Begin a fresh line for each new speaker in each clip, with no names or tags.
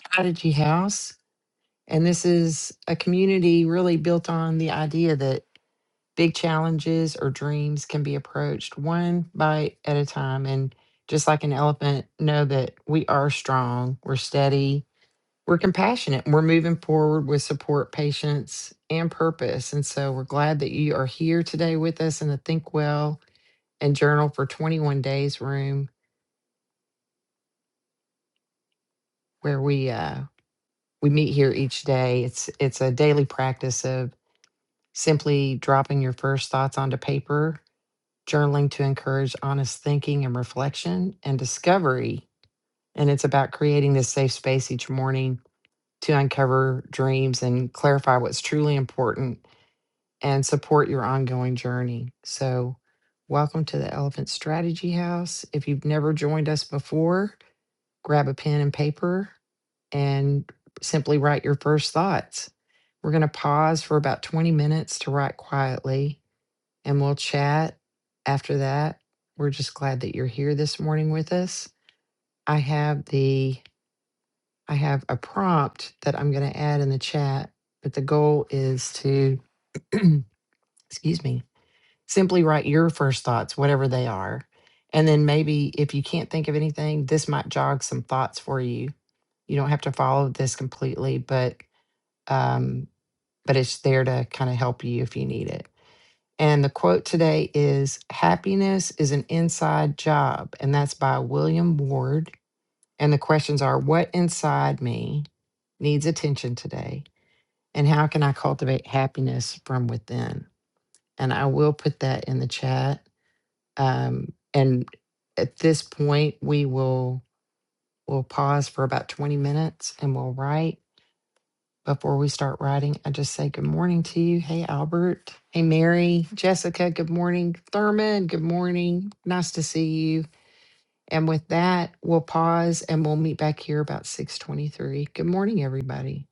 Strategy House. And this is a community really built on the idea that big challenges or dreams can be approached one bite at a time. And just like an elephant, know that we are strong, we're steady, we're compassionate, and we're moving forward with support, patience, and purpose. And so we're glad that you are here today with us in the Think Well and Journal for 21 Days room where we uh, we meet here each day. It's it's a daily practice of simply dropping your first thoughts onto paper, journaling to encourage honest thinking and reflection and discovery. And it's about creating this safe space each morning to uncover dreams and clarify what's truly important and support your ongoing journey. So, welcome to the Elephant Strategy House. If you've never joined us before, grab a pen and paper and simply write your first thoughts. We're going to pause for about 20 minutes to write quietly and we'll chat after that. We're just glad that you're here this morning with us. I have the I have a prompt that I'm going to add in the chat, but the goal is to excuse me, simply write your first thoughts whatever they are. And then maybe if you can't think of anything, this might jog some thoughts for you. You don't have to follow this completely, but um, but it's there to kind of help you if you need it. And the quote today is Happiness is an inside job, and that's by William Ward. And the questions are What inside me needs attention today? And how can I cultivate happiness from within? And I will put that in the chat. Um, and at this point, we will we will pause for about 20 minutes and we'll write. Before we start writing, I just say good morning to you. Hey, Albert. Hey, Mary. Jessica, good morning. Thurman, good morning. Nice to see you. And with that, we'll pause and we'll meet back here about 623. Good morning, everybody.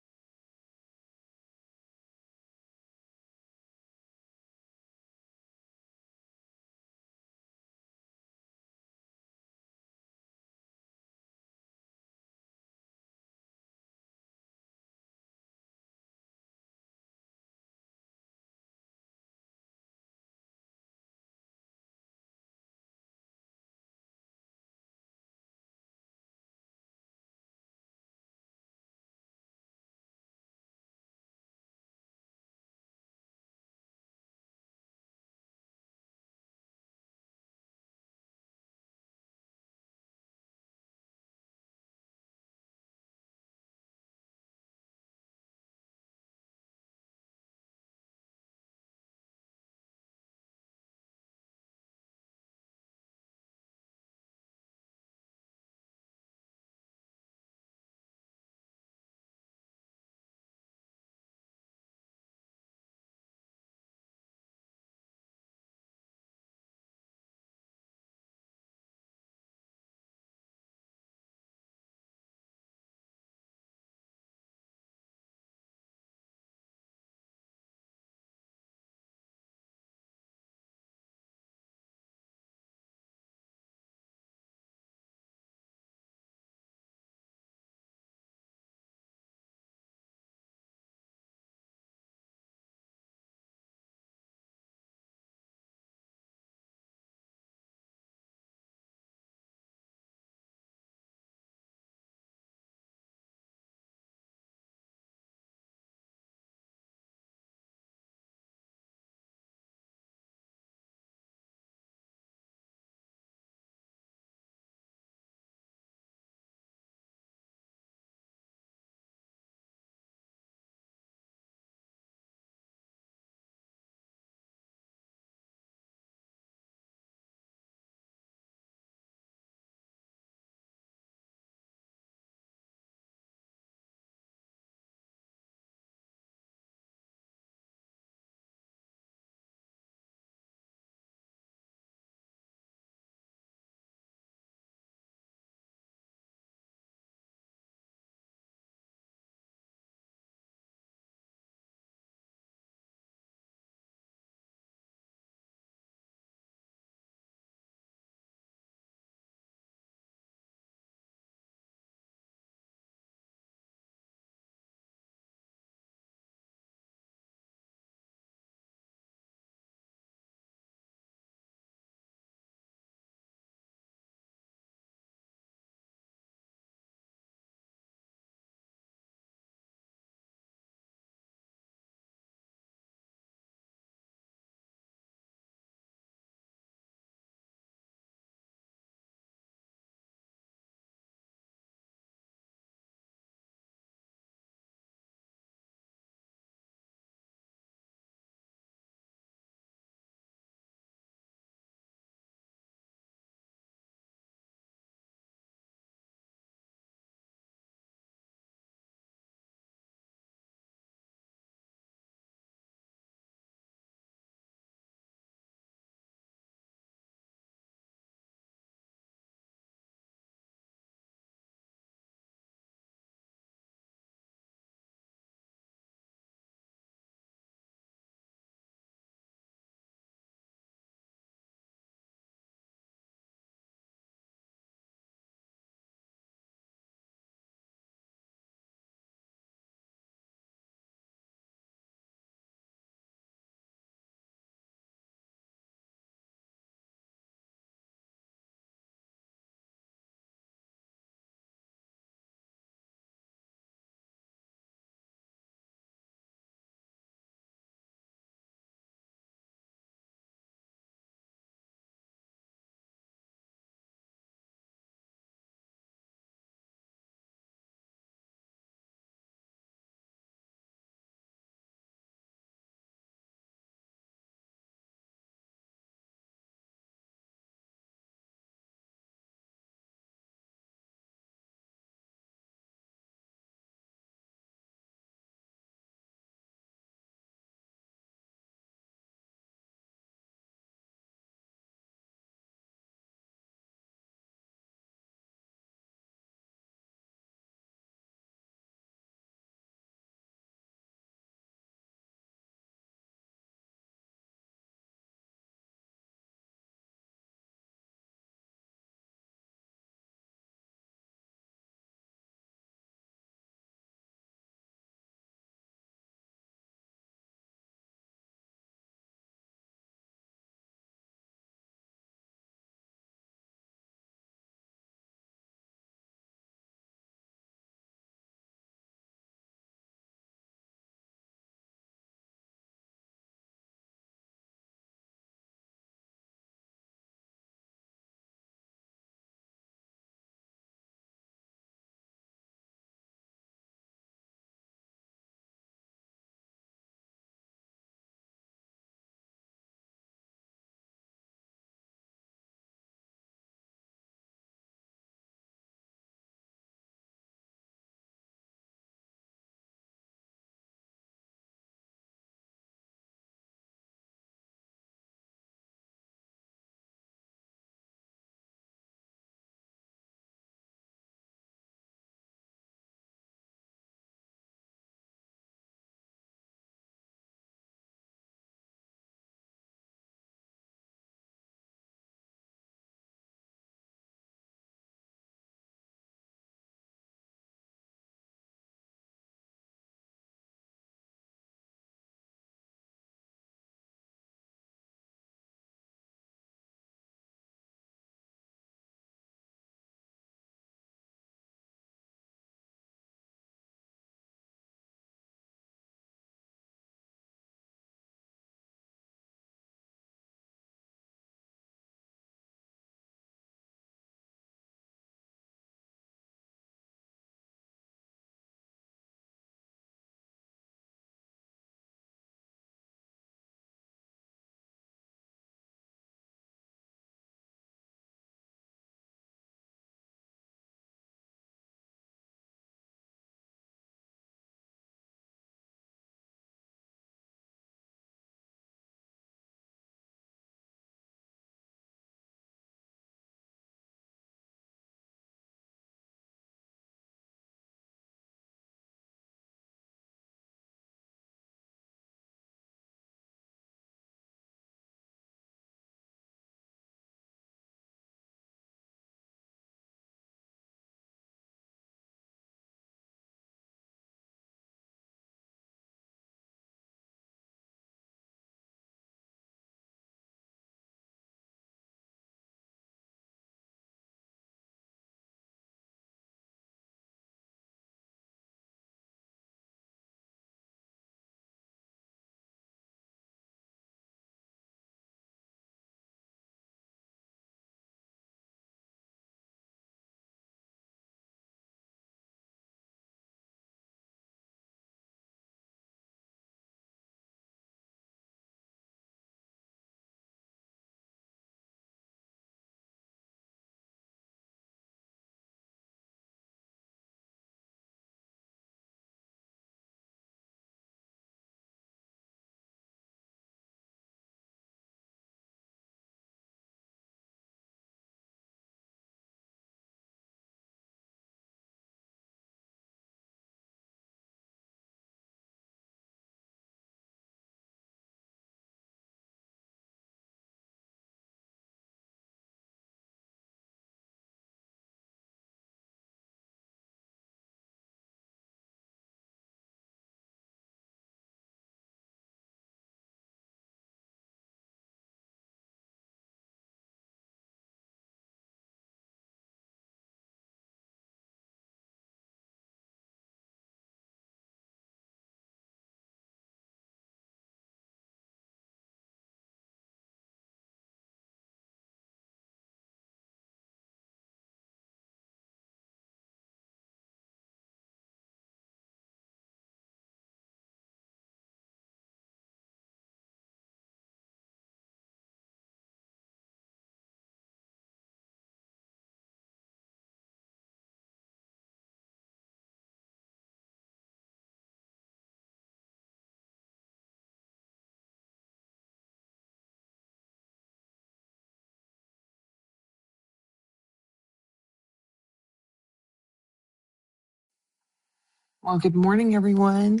Well, good morning, everyone.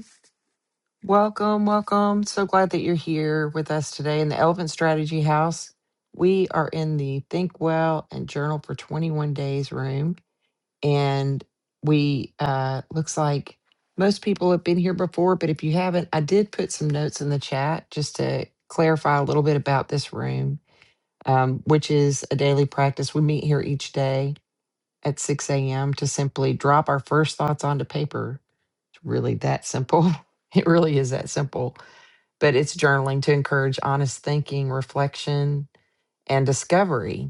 Welcome, welcome. So glad that you're here with us today in the Elephant Strategy House. We are in the Think Well and Journal for 21 Days room. and we uh looks like most people have been here before but if you haven't i did put some notes in the chat just to clarify a little bit about this room um, which is a daily practice we meet here each day at 6 a.m to simply drop our first thoughts onto paper it's really that simple it really is that simple but it's journaling to encourage honest thinking reflection and discovery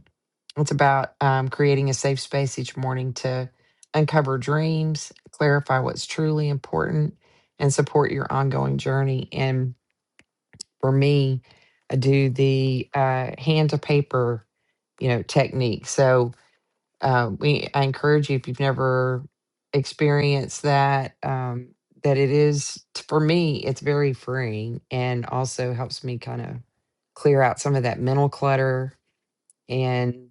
it's about um, creating a safe space each morning to uncover dreams, clarify what's truly important, and support your ongoing journey. And for me, I do the uh, hand to paper, you know, technique. So uh, we, I encourage you if you've never experienced that, um, that it is for me, it's very freeing and also helps me kind of clear out some of that mental clutter and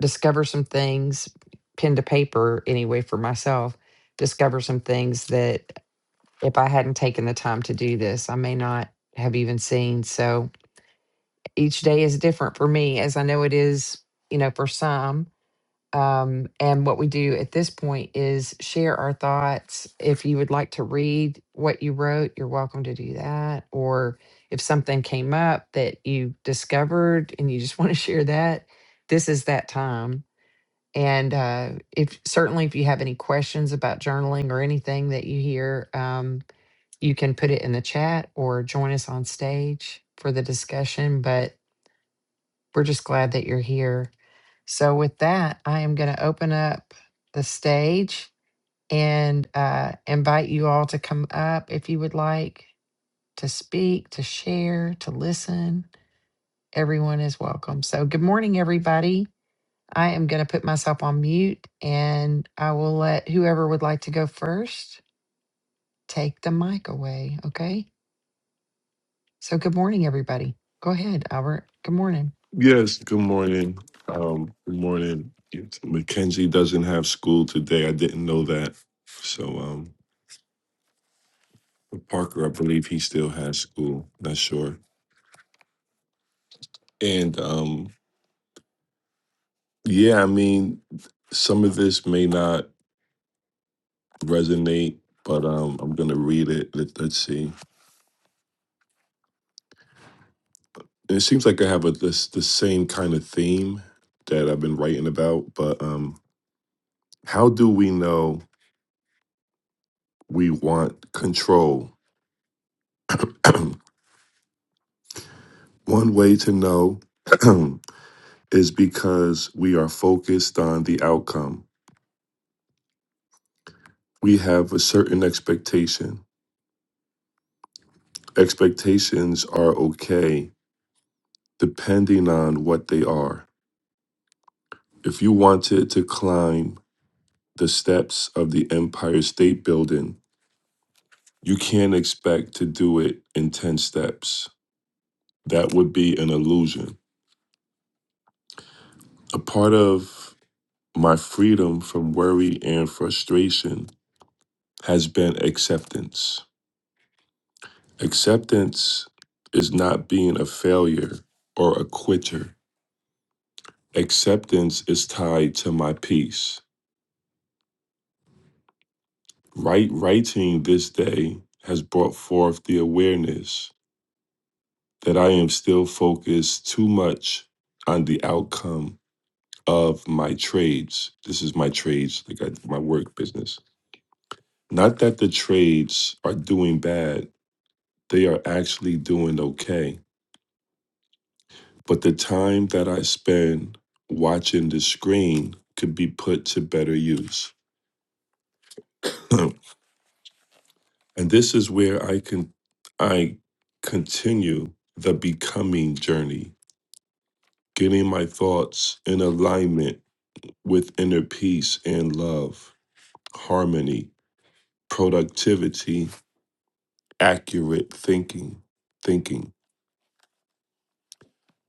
discover some things, pen to paper anyway for myself, discover some things that if I hadn't taken the time to do this, I may not have even seen. So each day is different for me, as I know it is, you know, for some. Um, and what we do at this point is share our thoughts. If you would like to read what you wrote, you're welcome to do that. Or if something came up that you discovered and you just want to share that, this is that time and uh, if certainly if you have any questions about journaling or anything that you hear, um, you can put it in the chat or join us on stage for the discussion. But we're just glad that you're here. So with that, I am going to open up the stage and uh, invite you all to come up if you would like to speak, to share, to listen. Everyone is welcome. So good morning, everybody. I am going to put myself on mute and I will let whoever would like to go first take the mic away. Okay. So, good morning, everybody. Go ahead, Albert. Good morning.
Yes, good morning. Um, good morning. Yes, Mackenzie doesn't have school today. I didn't know that. So um but Parker, I believe he still has school. Not sure. And um yeah, I mean, some of this may not resonate, but um I'm gonna read it. Let, let's see. And it seems like I have a this the same kind of theme that I've been writing about, but um how do we know we want control? One way to know is because we are focused on the outcome. We have a certain expectation. Expectations are okay depending on what they are. If you wanted to climb the steps of the Empire State Building, you can't expect to do it in 10 steps. That would be an illusion. A part of my freedom from worry and frustration has been acceptance. Acceptance is not being a failure or a quitter. Acceptance is tied to my peace. Right writing this day has brought forth the awareness that I am still focused too much on the outcome of my trades. This is my trades, like I, my work business. Not that the trades are doing bad, they are actually doing okay But the time that I spend watching the screen could be put to better use. and this is where I can I continue the becoming journey, getting my thoughts in alignment with inner peace and love, harmony, productivity, accurate thinking, thinking.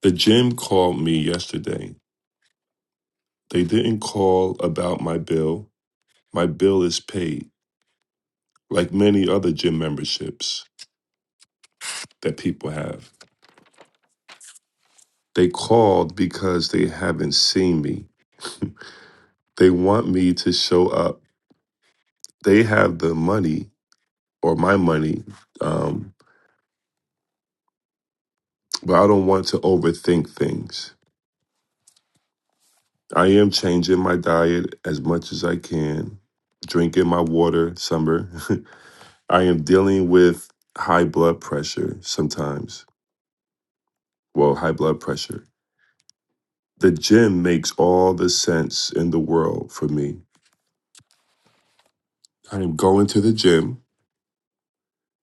The gym called me yesterday. They didn't call about my bill. My bill is paid. like many other gym memberships that people have. They called because they haven't seen me. They want me to show up. They have the money or my money, um, but I don't want to overthink things. I am changing my diet as much as I can, drinking my water summer. I am dealing with high blood pressure sometimes. Well, high blood pressure. The gym makes all the sense in the world for me I am going to the gym.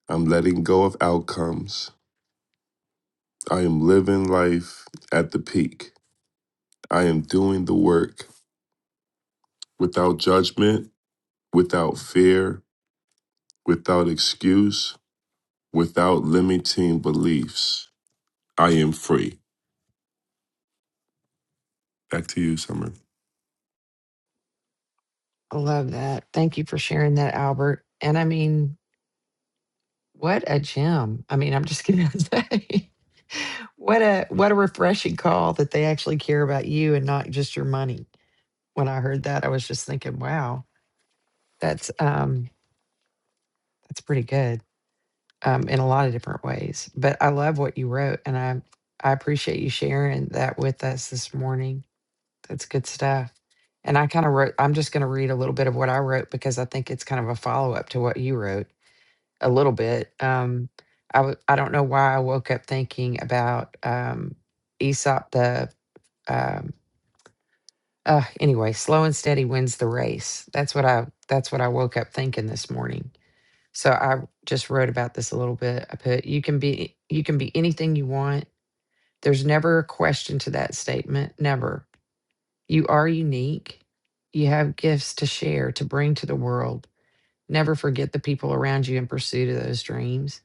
I'm letting go of outcomes. I am living life at the peak. I am doing the work without judgment, without fear, without excuse, without limiting beliefs. I am free. Back to you, Summer.
I love that. Thank you for sharing that, Albert. And I mean, what a gem. I mean, I'm just going to say. What a what a refreshing call that they actually care about you and not just your money. When I heard that, I was just thinking, wow, that's um that's pretty good. um, in a lot of different ways. But I love what you wrote, and I I appreciate you sharing that with us this morning. That's good stuff. And I kind of wrote. I'm just going to read a little bit of what I wrote because I think it's kind of a follow up to what you wrote a little bit. Um, I w- I don't know why I woke up thinking about um, Aesop the. Um, uh, anyway, slow and steady wins the race. That's what I. That's what I woke up thinking this morning so I just wrote about this a little bit. I put you can be you can be anything you want. There's never a question to that statement, never. You are unique. You have gifts to share, to bring to the world. Never forget the people around you in pursuit of those dreams.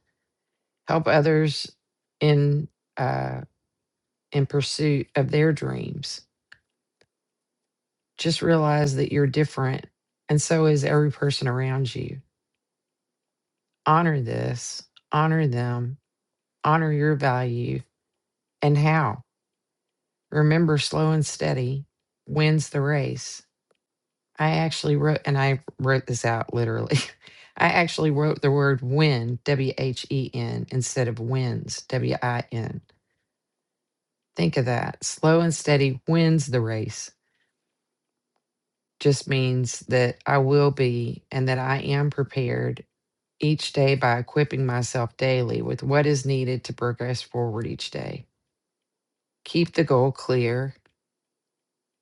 Help others in uh, in pursuit of their dreams. Just realize that you're different, and so is every person around you. Honor this. Honor them. Honor your value. And how? Remember, slow and steady wins the race. I actually wrote, and I wrote this out literally. I actually wrote the word win, W H E N, instead of wins, W I N. Think of that. Slow and steady wins the race. Just means that I will be and that I am prepared each day by equipping myself daily with what is needed to progress forward each day. Keep the goal clear,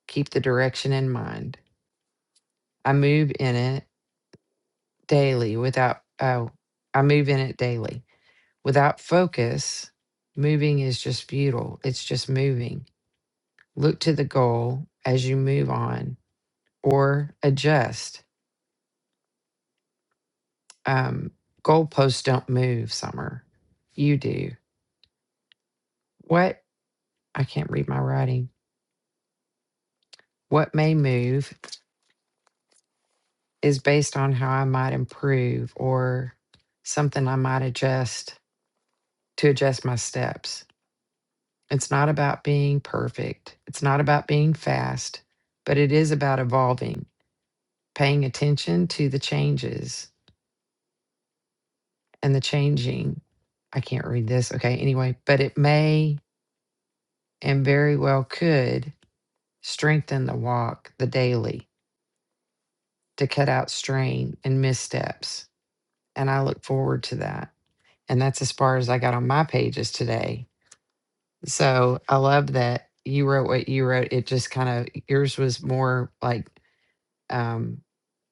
keep the direction in mind. I move in it daily without oh i move in it daily without focus moving is just futile it's just moving look to the goal as you move on or adjust um goalposts don't move summer you do what i can't read my writing what may move is based on how i might improve or something i might adjust to adjust my steps It's not about being perfect. It's not about being fast, but it is about evolving, paying attention to the changes and the changing. I can't read this. Okay. Anyway, but it may and very well could strengthen the walk, the daily, to cut out strain and missteps. And I look forward to that. And that's as far as I got on my pages today. So I love that you wrote what you wrote. It just kind of, yours was more like, um,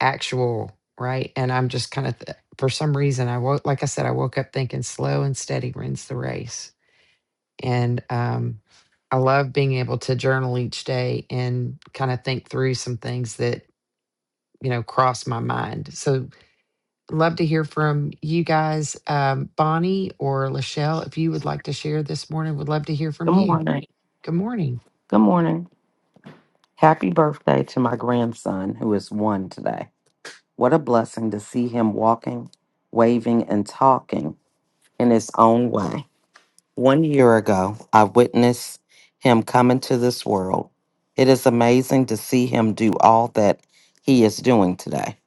actual, right? And I'm just kind of, th- for some reason, I woke, like I said, I woke up thinking slow and steady wins the race. And um, I love being able to journal each day and kind of think through some things that, you know, cross my mind. So love to hear from you guys. Um, Bonnie or Lachelle, if you would like to share this morning, would love to hear from
Good
you.
morning.
Good morning.
Good morning. Happy birthday to my grandson, who is one today. What a blessing to see him walking, waving, and talking in his own way. One year ago, I witnessed him come into this world. It is amazing to see him do all that he is doing today.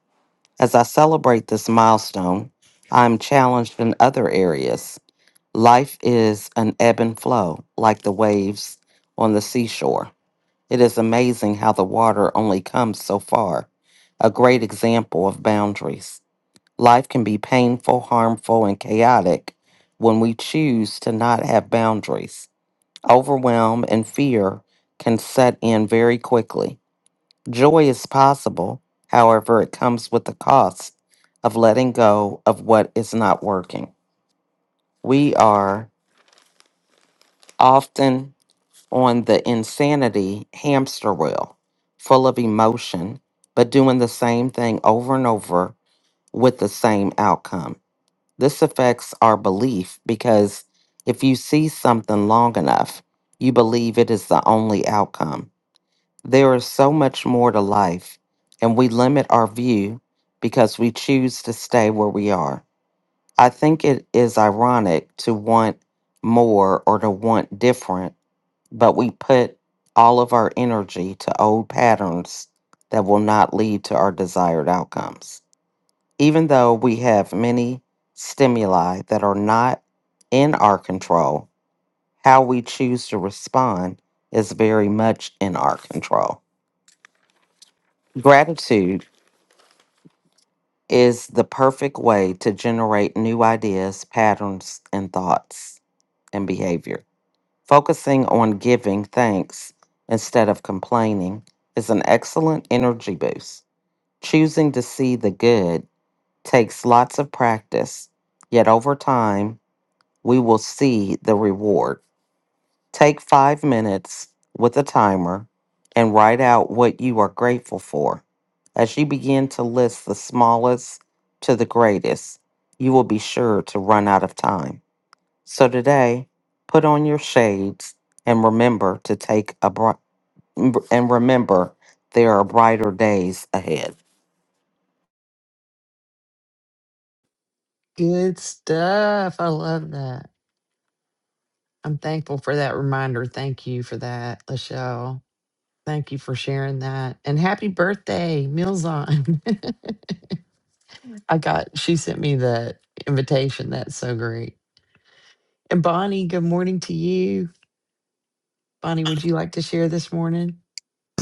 As I celebrate this milestone, I am challenged in other areas. Life is an ebb and flow, like the waves on the seashore. It is amazing how the water only comes so far. A great example of boundaries. Life can be painful, harmful, and chaotic when we choose to not have boundaries. Overwhelm and fear can set in very quickly. Joy is possible, however, it comes with the cost of letting go of what is not working. We are often on the insanity hamster wheel, full of emotion, but doing the same thing over and over with the same outcome. This affects our belief because if you see something long enough, you believe it is the only outcome. There is so much more to life, and we limit our view because we choose to stay where we are. I think it is ironic to want more or to want different but we put all of our energy to old patterns that will not lead to our desired outcomes. Even though we have many stimuli that are not in our control, how we choose to respond is very much in our control. Gratitude is the perfect way to generate new ideas, patterns, and thoughts and behavior. Focusing on giving thanks instead of complaining is an excellent energy boost. Choosing to see the good takes lots of practice, yet over time, we will see the reward. Take five minutes with a timer and write out what you are grateful for. As you begin to list the smallest to the greatest, you will be sure to run out of time. So today, put on your shades and remember to take a bri- and remember there are brighter days ahead.
Good stuff. I love that. I'm thankful for that reminder. Thank you for that, Lachelle. Thank you for sharing that. And happy birthday, Meals On. I got, she sent me the invitation. That's so great. And Bonnie, good morning to you. Bonnie, would you like to share this morning?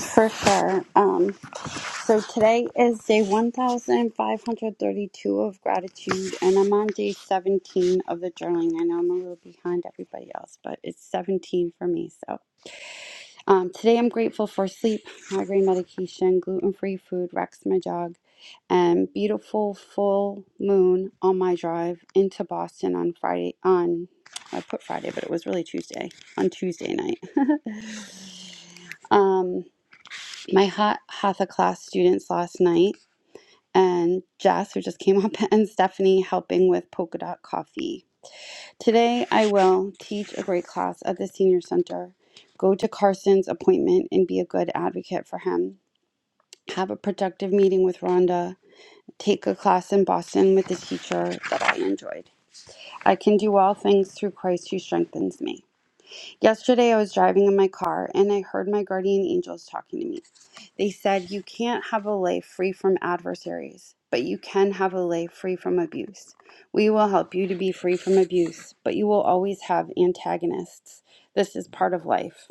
For sure. Um, so today is day 1532 of gratitude, and I'm on day 17 of the journaling. I know I'm a little behind everybody else, but it's 17 for me. So um, today I'm grateful for sleep, migraine medication, gluten free food, Rex, my dog, and beautiful full moon on my drive into Boston on Friday. On I put Friday, but it was really Tuesday, on Tuesday night. um, my hot hatha class students last night and Jess, who just came up, and Stephanie helping with polka dot coffee. Today, I will teach a great class at the senior center, go to Carson's appointment and be a good advocate for him, have a productive meeting with Rhonda, take a class in Boston with a teacher that I enjoyed. I can do all things through Christ who strengthens me. Yesterday, I was driving in my car and I heard my guardian angels talking to me. They said, You can't have a life free from adversaries, but you can have a life free from abuse. We will help you to be free from abuse, but you will always have antagonists. This is part of life.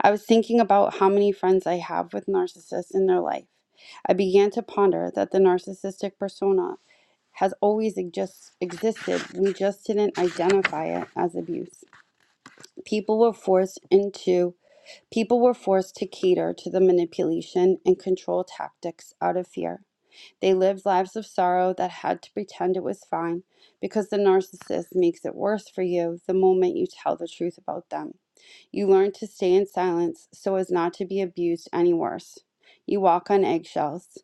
I was thinking about how many friends I have with narcissists in their life. I began to ponder that the narcissistic persona has always exist- existed, we just didn't identify it as abuse. People were forced into people were forced to cater to the manipulation and control tactics out of fear. They lived lives of sorrow that had to pretend it was fine because the narcissist makes it worse for you the moment you tell the truth about them. You learn to stay in silence so as not to be abused any worse. You walk on eggshells.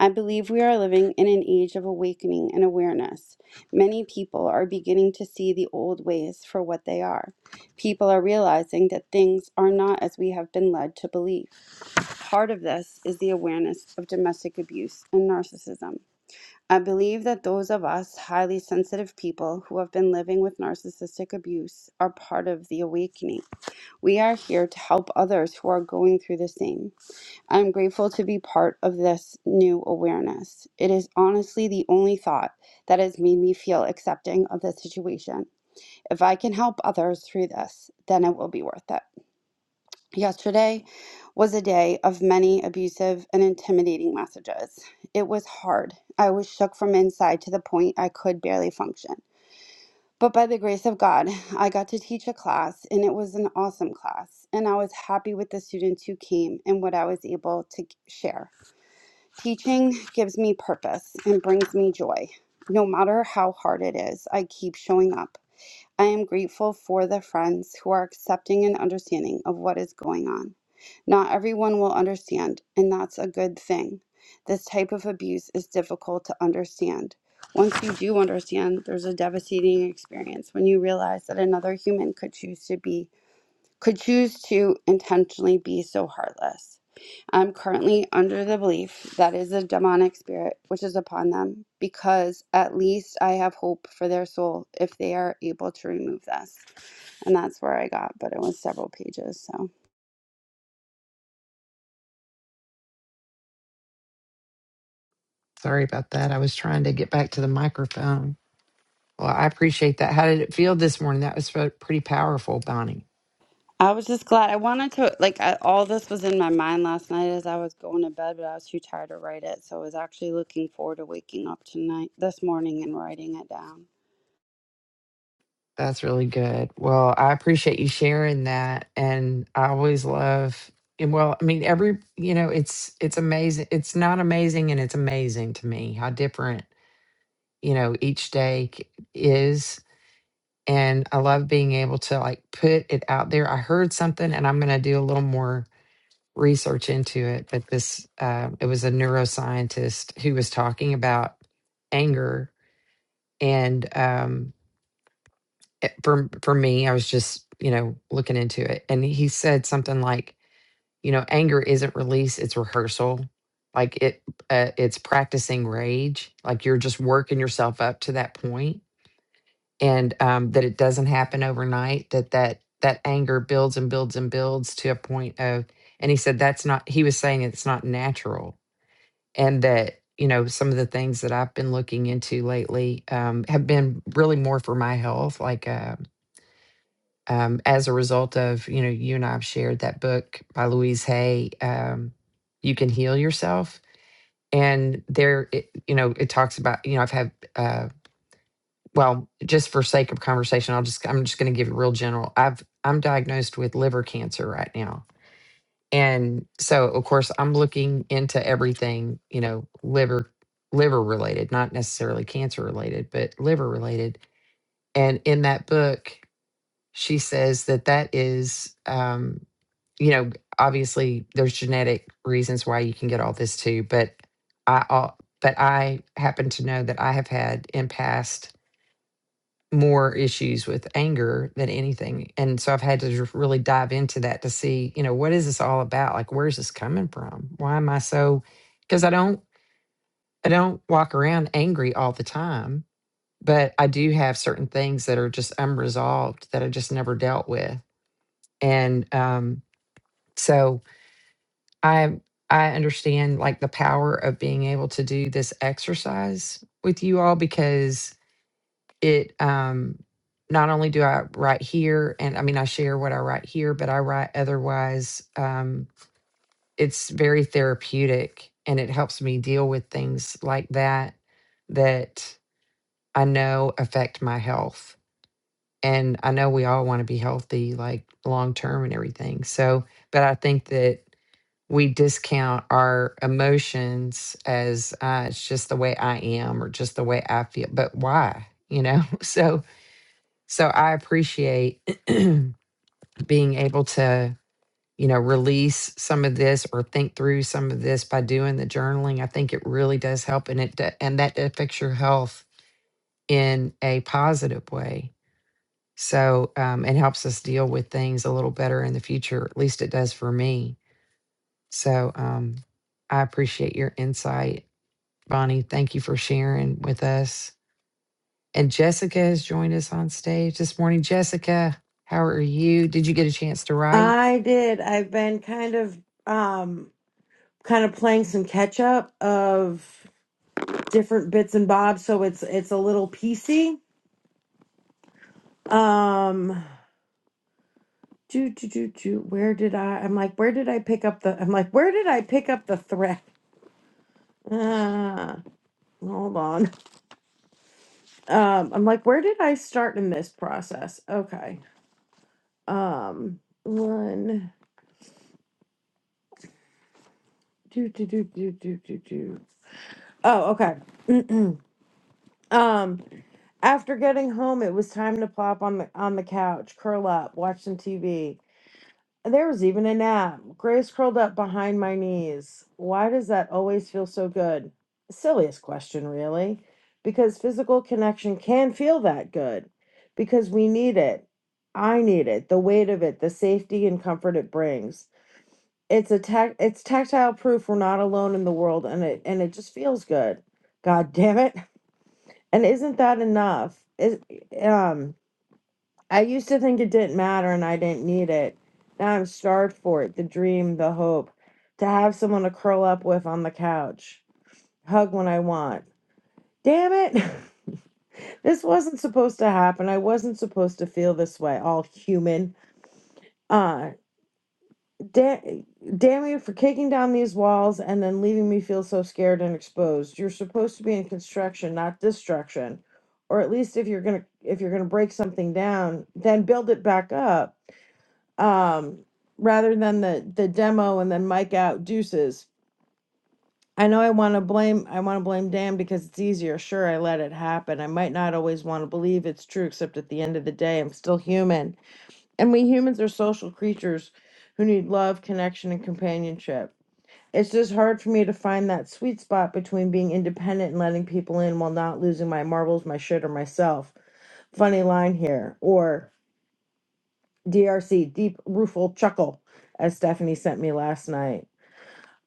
I believe we are living in an age of awakening and awareness. Many people are beginning to see the old ways for what they are. People are realizing that things are not as we have been led to believe. Part of this is the awareness of domestic abuse and narcissism. I believe that those of us highly sensitive people who have been living with narcissistic abuse are part of the awakening. We are here to help others who are going through the same. I am grateful to be part of this new awareness. It is honestly the only thought that has made me feel accepting of the situation. If I can help others through this, then it will be worth it. Yesterday was a day of many abusive and intimidating messages. It was hard. I was shook from inside to the point I could barely function. But by the grace of God, I got to teach a class, and it was an awesome class. And I was happy with the students who came and what I was able to share. Teaching gives me purpose and brings me joy. No matter how hard it is, I keep showing up. I am grateful for the friends who are accepting and understanding of what is going on. Not everyone will understand, and that's a good thing. This type of abuse is difficult to understand. Once you do understand, there's a devastating experience when you realize that another human could choose to be could choose to intentionally be so heartless. I'm currently under the belief that is a demonic spirit which is upon them, because at least I have hope for their soul if they are able to remove this. And that's where I got, but it was several pages. So
Sorry about that. I was trying to get back to the microphone. Well, I appreciate that. How did it feel this morning? That was so- pretty powerful, Bonnie.
I was just glad I wanted to, like, I, all this was in my mind last night as I was going to bed, but I was too tired to write it. So I was actually looking forward to waking up tonight, this morning, and writing it down.
That's really good. Well, I appreciate you sharing that. And I always love and well, I mean, every you know, it's it's amazing. It's not amazing and it's amazing to me how different, you know, each day c- is. And I love being able to like put it out there. I heard something and I'm gonna do a little more research into it. But this uh, it was a neuroscientist who was talking about anger. And um it- for for me i was just you know looking into it and he said something like you know anger isn't release it's rehearsal like it uh, it's practicing rage like you're just working yourself up to that point and um, that it doesn't happen overnight that that that anger builds and builds and builds to a point of and he said that's not he was saying it's not natural and that you know some of the things that i've been looking into lately um, have been really more for my health like uh, um, as a result of you know you and I've shared that book by Louise Hay, um, you can heal yourself. And there, it, you know, it talks about you know I've had uh, well just for sake of conversation, I'll just I'm just going to give it real general. I've I'm diagnosed with liver cancer right now, and so of course I'm looking into everything you know liver liver related, not necessarily cancer related, but liver related. And in that book, she says that that is. Um, you know, obviously there's genetic reasons why you can get all this too, but I al- but I happen to know that I have had in past more issues with anger than anything. And so I've had to just really dive into that to see, you know, what is this all about? Like where's this coming from? Why am I so because I don't I don't walk around angry all the time, but I do have certain things that are just unresolved that I just never dealt with. And um so I I understand like the power of being able to do this exercise with you all because it um not only do I write here and I mean I share what I write here, but I write otherwise. Um it's very therapeutic and it helps me deal with things like that that I know affect my health. And I know we all want to be healthy like long term and everything. So, but I think that we discount our emotions as uh, it's just the way I am or just the way I feel. But why? You know, so so I appreciate being able to you know release some of this or think through some of this by doing the journaling. I think it really does help, and it d- and that affects your health in a positive way. So um, it helps us deal with things a little better in the future. At least it does for me. So um, I appreciate your insight Bonnie, thank you for sharing with us. And Jessica has joined us on stage this morning. Jessica, how are you? Did you get a chance to write?
I did. I've been kind of um kind of playing some catch up of different bits and bobs, so it's it's a little piecey. Um do do do do where did I I'm like where did I pick up the I'm like where did I pick up the thread? Uh hold on. Um I'm like where did I start in this process? Okay. Um one do do do do do do do. Oh, okay. um After getting home, it was time to plop on the on the couch, curl up, watch some TV. And there was even a nap. Grace curled up behind my knees. Why does that always feel so good? Silliest question, really, because physical connection can feel that good because we need it. I need it, the weight of it, the safety and comfort it brings. It's a tac- it's tactile proof we're not alone in the world and it and it just feels good. God damn it. And isn't that enough? Is um I used to think it didn't matter and I didn't need it. Now I'm starved for it the dream, the hope, to have someone to curl up with on the couch, hug when I want. Damn it! this wasn't supposed to happen. I wasn't supposed to feel this way, all human. Uh, da- damn you for kicking down these walls and then leaving me feel so scared and exposed. You're supposed to be in construction, not destruction. Or at least if you're gonna if you're gonna break something down, then build it back up um, rather than the, the demo and then Mike out deuces. I know I want to blame, I want to blame Dan because it's easier. Sure, I let it happen. I might not always want to believe it's true, except at the end of the day, I'm still human. And we humans are social creatures who need love, connection, and companionship. It's just hard for me to find that sweet spot between being independent and letting people in while not losing my marbles, my shit, or myself. Funny line here. Or DRC, deep rueful chuckle, as Stephanie sent me last night.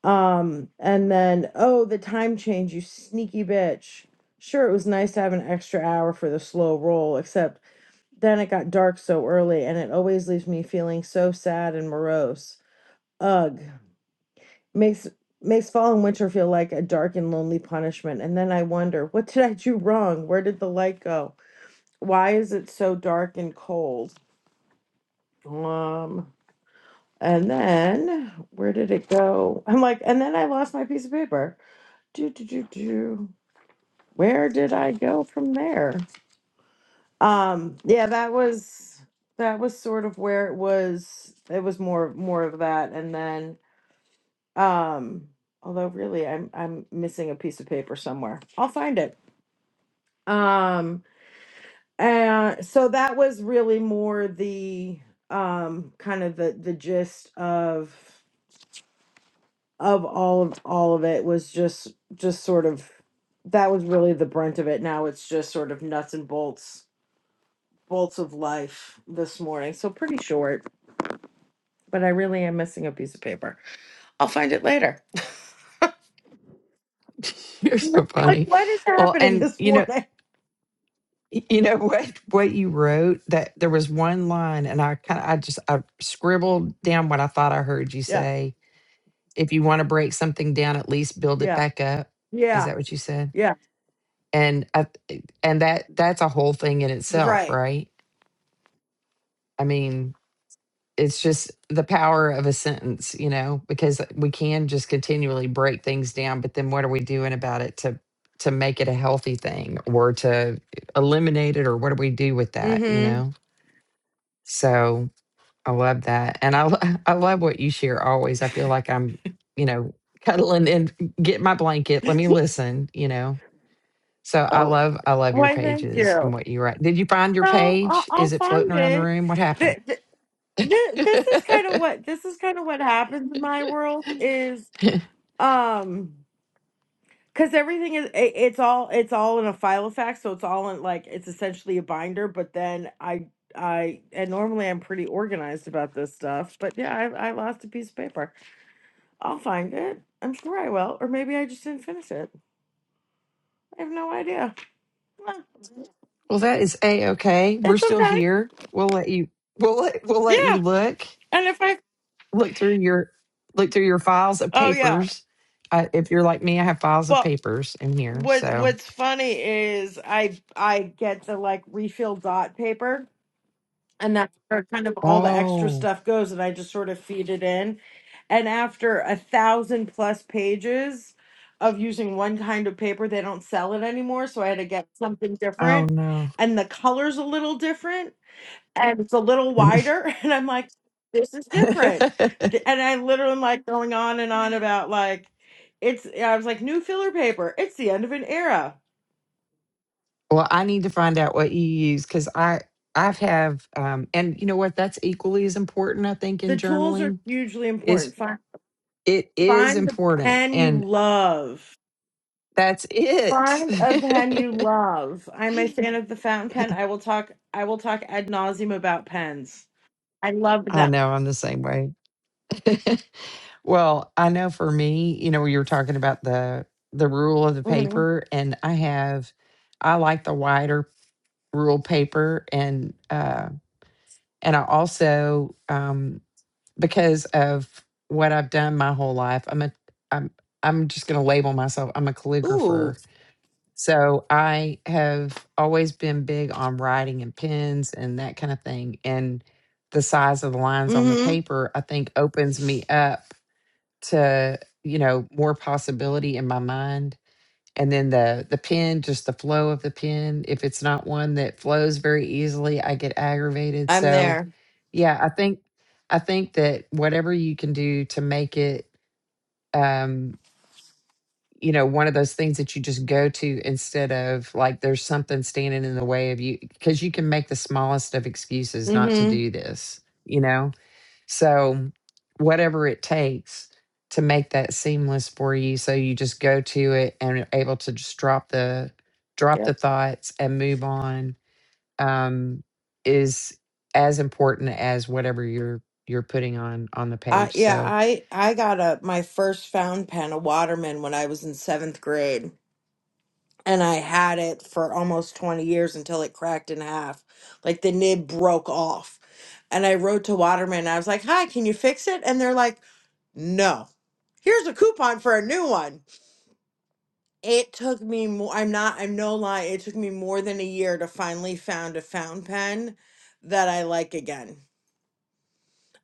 Um, and then, oh, the time change, you sneaky bitch. Sure, it was nice to have an extra hour for the slow roll, except then it got dark so early, and it always leaves me feeling so sad and morose. Ugh, makes makes fall and winter feel like a dark and lonely punishment. And then I wonder, what did I do wrong? Where did the light go? Why is it so dark and cold? Um, And then where did it go? I'm like, and then I lost my piece of paper. Do do do do. Where did I go from there? Um, yeah, that was that was sort of where it was. It was more more of that, and then um, although really, I'm I'm missing a piece of paper somewhere. I'll find it. Um, and so that was really more the um kind of the the gist of. of all of all of it was just just sort of that was really the brunt of it. Now it's just sort of nuts and bolts bolts of life this morning. So pretty short, but I really am missing a piece of paper. I'll find it later.
You're so
like
funny.
what is
Well,
happening
and
this
you know,
morning?
you know what what you wrote that there was one line and I kind of I just I scribbled down what I thought I heard you
Yeah.
say. If you want to break something down, at least build it
Yeah.
back up. Is
Yeah.
that what you said?
Yeah.
And I, and that that's a whole thing in itself,
Right.
right? I mean, it's just the power of a sentence, you know, because we can just continually break things down, but then what are we doing about it to to make it a healthy thing or to eliminate it or what do we do with that, you
Mm-hmm.
know? So I love that. And I lo- I love what you share always. I feel like I'm, you know, cuddling and get my blanket, let me listen, you know. So I
Oh.
love I love your
Why thank you.
pages and
No,
what you write. Did you find your
I'll,
page?
I'll
Is it floating
find
around the
it.
room? What happened?
Th- th- th- this is kind of what this is kind of what happens in my world Um, because everything is it, it's all it's all in a file of facts, so it's all in like it's essentially a binder. But then I I and normally I'm pretty organized about this stuff, but yeah, I I lost a piece of paper. I'll find it. I'm sure I will, or maybe I just didn't finish it. I have no idea. Huh,
Well, that is a okay. We're
It's
still
okay.
here. We'll let you. We'll let, we'll let you
Yeah,
look
and if I
look through your look through your files of
oh yeah,
papers. Uh, if you're like me, I have files of
well.
papers in here.
What
So
what's funny is I I get the like refill dot paper and that's where kind of all the extra
oh
stuff goes and i just sort of feed it in and after a thousand plus pages of using one kind of paper they don't sell it anymore so i had to get something
oh
different
no.
and the color's a little different and it's a little wider and i'm like this is different Th- and i literally am like going on and on about like it's i was like new filler paper it's the end of an era
well, I need to find out what you use because I I've have um and you know what that's equally as important I think
the
in
tools are
journaling
hugely
is
important find
it is
find the
important
pen you
and
love
that's it.
Find a pen you love. I'm a fan of the fountain pen. I will talk. I will talk ad nauseum about pens. I love
I
them.
know I'm the same way. Well, I know for me, you know, you were talking about the the rule of the
hmm
paper, and I have I like the wider rule paper, and uh, and I also um, because of what I've done my whole life, I'm a I'm I'm just going to label myself. I'm a
Ooh.
calligrapher. So I have always been big on writing and pens and that kind of thing. And the size of the lines on the
hmm
paper, I think, opens me up to you know more possibility in my mind and then the the pen just the flow of the pen if it's not one that flows very easily i get aggravated
I'm
so
there.
yeah i think i think that whatever you can do to make it um you know one of those things that you just go to instead of like there's something standing in the way of you because you can make the smallest of excuses not to
hmm
do this you know so, whatever it takes to make that seamless for you, so you just go to it and are able to just drop the drop the
Yep.
thoughts and move on, um, is as important as whatever you're you're putting on on the
I
page.
yeah.
So,
I I got a my first fountain pen, a Waterman, when I was in seventh grade, and I had it for almost twenty years until it cracked in half. Like the nib broke off, and I wrote to Waterman. I was like, "Hi, can you fix it?" And they're like, "No." Here's a coupon for a new one. It took me more, I'm not, I'm no lie, it took me more than a year to finally found a fountain pen that I like again.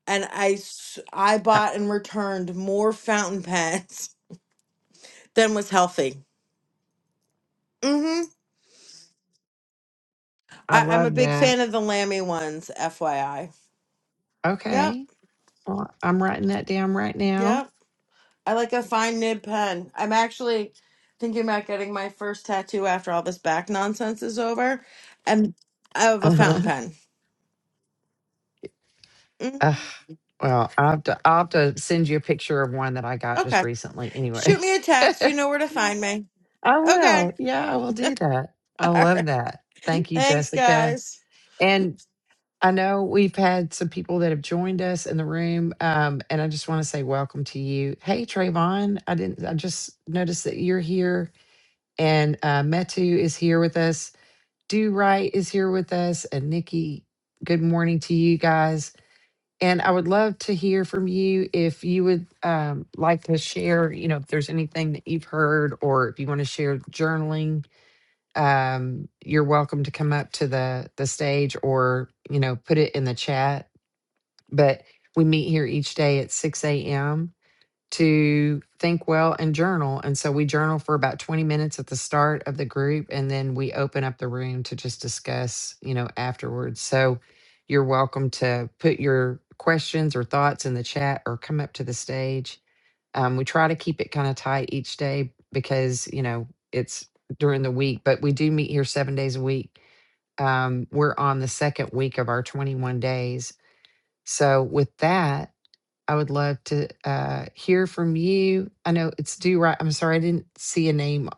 And I s- I
I,
bought and returned more fountain pens than was healthy. Mm-hmm.
I
I, I'm a
love
big
that.
fan of the Lamy ones, FYI. Yep,
Okay, well, I'm writing that down right now.
yep. I like a fine nib pen. I'm actually thinking about getting my first tattoo after all this back nonsense is over, and of a
Uh-huh.
fountain pen.
Uh,
hmm
well, I'll have, to, I'll have to send you a picture of one that I got just
Okay.
recently.
Shoot
Anyway.
me a text. You know where to find me.
I
Okay.
will. Yeah, I will do that. I
All
love
right.
that. Thank you,
Thanks,
Jessica.
guys.
And I know we've had some people that have joined us in the room, um, and I just want to say welcome to you. Hey, Trayvon, I didn't. I just noticed that you're here, and uh, Metu is here with us. Do Right is here with us, and Nikki. Good morning to you guys. And I would love to hear from you if you would um, like to share. You know, if there's anything that you've heard, or if you want to share journaling um, you're welcome to come up to the the stage or you know put it in the chat. But we meet here each day at 6 a.m. to think well and journal. And so we journal for about 20 minutes at the start of the group, and then we open up the room to just discuss, you know, afterwards. So you're welcome to put your questions or thoughts in the chat or come up to the stage um, we try to keep it kind of tight each day because, you know, it's during the week, but we do meet here seven days a week. Um, we're on the second week of our 21 days. So, with that, I would love to uh, hear from you. I know it's due right. I'm sorry, I didn't see a name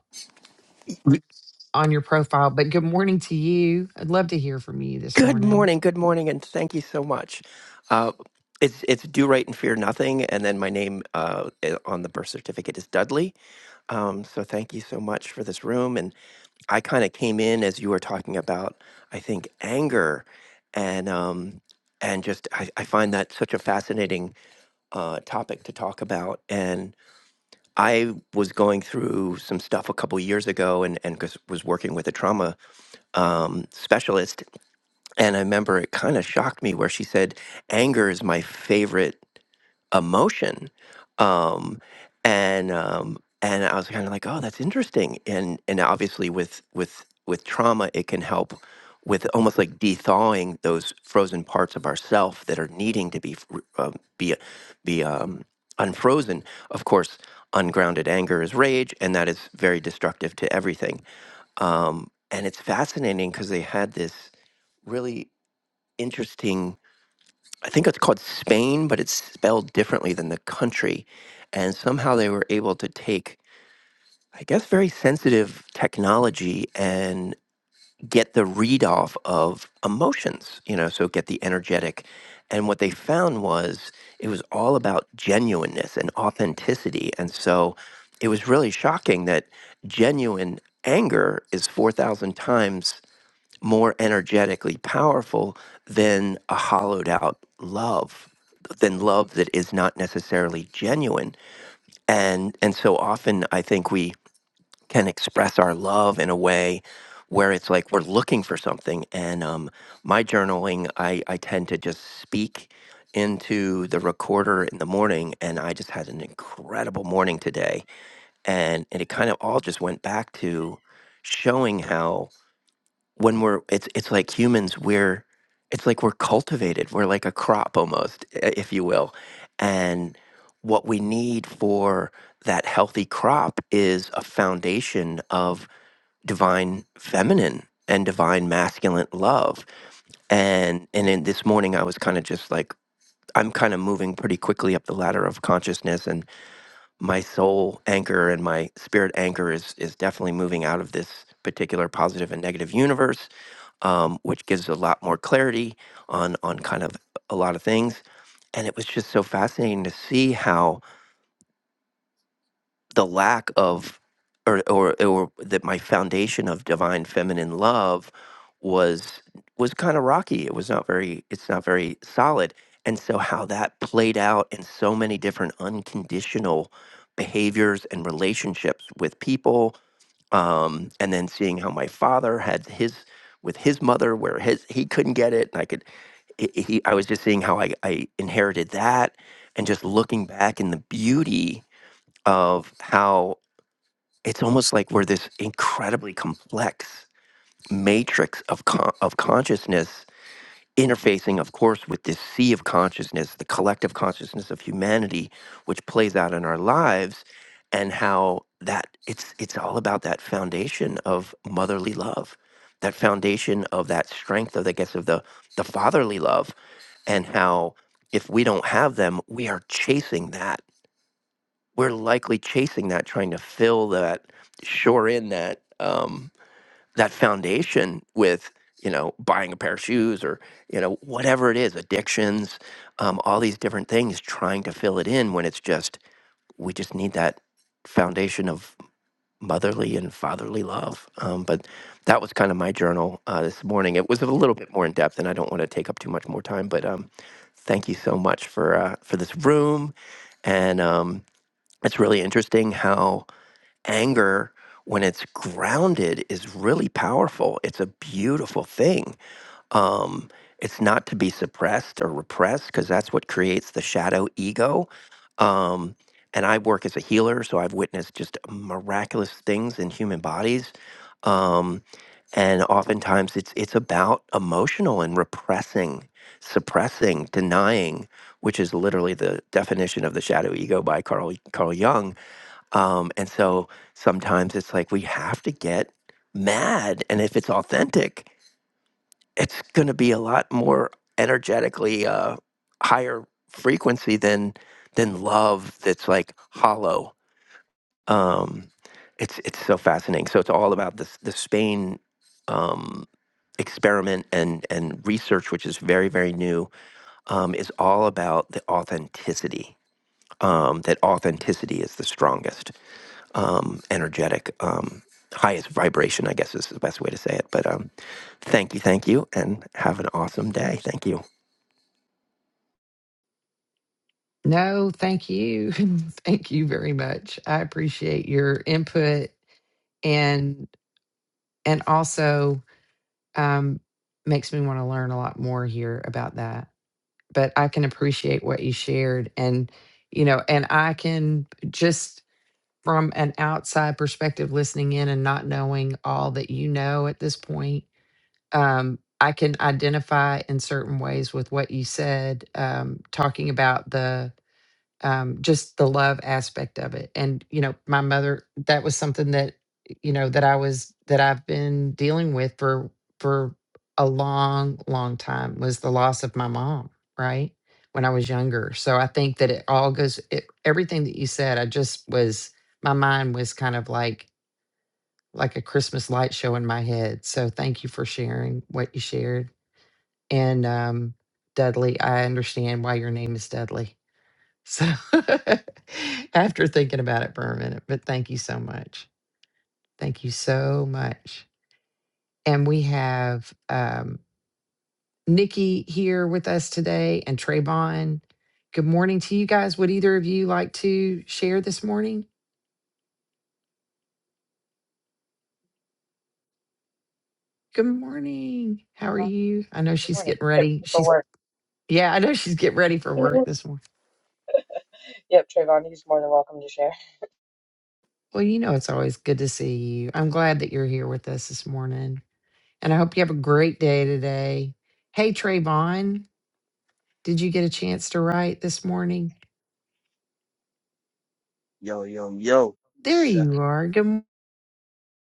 on your profile, but good morning to you. I'd love to hear from you this
Good
morning.
morning, good morning, and thank you so much. Uh, it's it's do right and fear nothing, and then my name uh, i- on the birth certificate is Dudley. Um, so thank you so much for this room. And I kind of came in as you were talking about, I think anger, and um, and just I, I find that such a fascinating uh, topic to talk about. And I was going through some stuff a couple years ago, and and 'cause- was working with a trauma um, specialist, And I remember it kind of shocked me where she said, anger is my favorite emotion. Um, and, um, and I was kind of like, oh, that's interesting. And, and obviously with, with, with trauma, it can help with almost like thawing those frozen parts of ourself that are needing to be, f- re- um, be, be, um, unfrozen. Of course, ungrounded anger is rage and that is very destructive to everything. Um, and it's fascinating because they had this, really interesting. I think it's called Spain, but it's spelled differently than the country. And somehow they were able to take, I guess, very sensitive technology and get the read off of emotions, you know, so get the energetic. And what they found was it was all about genuineness and authenticity. And so it was really shocking that genuine anger is 4,000 times more energetically powerful than a hollowed out love than love that is not necessarily genuine and and so often i think we can express our love in a way where it's like we're looking for something and um my journaling i i tend to just speak into the recorder in the morning and i just had an incredible morning today and and it kind of all just went back to showing how when we're it's it's like humans we're it's like we're cultivated we're like a crop almost i- if you will and what we need for that healthy crop is a foundation of divine feminine and divine masculine love and and in this morning i was kind of just like i'm kind of moving pretty quickly up the ladder of consciousness and my soul anchor and my spirit anchor is is definitely moving out of this particular positive and negative universe um, which gives a lot more clarity on on kind of a lot of things. And it was just so fascinating to see how the lack of or or, or that my foundation of divine feminine love was was kind of rocky. It was not very it's not very solid. And so how that played out in so many different unconditional behaviors and relationships with people. Um, and then seeing how my father had his with his mother where his he couldn't get it and I could it- he, I was just seeing how I, I inherited that and just looking back in the beauty of how it's almost like we're this incredibly complex matrix of, con- of consciousness interfacing of course with this sea of consciousness the collective consciousness of humanity which plays out in our lives and how that it's it's all about that foundation of motherly love that foundation of that strength of i guess of the the fatherly love and how if we don't have them, we are chasing that. We're likely chasing that, trying to fill that, shore in that um, that foundation with you know buying a pair of shoes or you know whatever it is, addictions, um, all these different things, trying to fill it in when it's just we just need that foundation of motherly and fatherly love. Um, but that was kind of my journal uh, this morning. It was a little bit more in depth, and I don't want to take up too much more time. But um, thank you so much for uh, for this room, and um, it's really interesting how anger, when it's grounded, is really powerful. It's a beautiful thing um, it's not to be suppressed or repressed because that's what creates the shadow ego. Um, and I work as a healer, so I've witnessed just miraculous things in human bodies. Um, and oftentimes it's it's about emotional and repressing, suppressing, denying, which is literally the definition of the shadow ego by Carl Carl Jung. Um, and so sometimes it's like we have to get mad, and if it's authentic, it's going to be a lot more energetically uh, higher frequency than than love that's like hollow. Um, it's it's so fascinating. So it's all about this the Spain um, experiment and and research, which is very very new. Um, is all about the authenticity. Um, that authenticity is the strongest um, energetic, um, highest vibration, I guess is the best way to say it. But um, thank you, thank you, and have an awesome day. Thank you.
No, thank you. thank you very much. I appreciate your input and and also um, makes me want to learn a lot more here about that. But I can appreciate what you shared, and you know, and I can just from an outside perspective, listening in and not knowing all that you know at this point, um, I can identify in certain ways with what you said, um, talking about the um, just the love aspect of it. And, you know, my mother, that was something that, you know, that I was, that I've been dealing with for, for a long, long time was the loss of my mom, right? When I was younger. So I think that it all goes, it, everything that you said, I just was, my mind was kind of like, like a Christmas light show in my head. So thank you for sharing what you shared. And, um, Dudley, I understand why your name is Dudley. So after thinking about it for a minute, but thank you so much. Thank you so much. And we have um, Nikki here with us today and Trayvon. Good morning to you guys. Would either of you like to share this morning? Good morning. How are
Trayvon,
you? I know
good
she's
morning.
getting
Yep,
ready.
for
She's,
work.
yeah, I know she's getting ready for work
Mhm.
this morning.
Yep, Trayvon, he's more than welcome to share.
Well, you know, it's always good to see you. I'm glad that you're here with us this morning. And I hope you have a great day today. Hey, Trayvon. Did you get a chance to write this morning?
Yo, yo, yo.
There
Shout
you are. Good. m-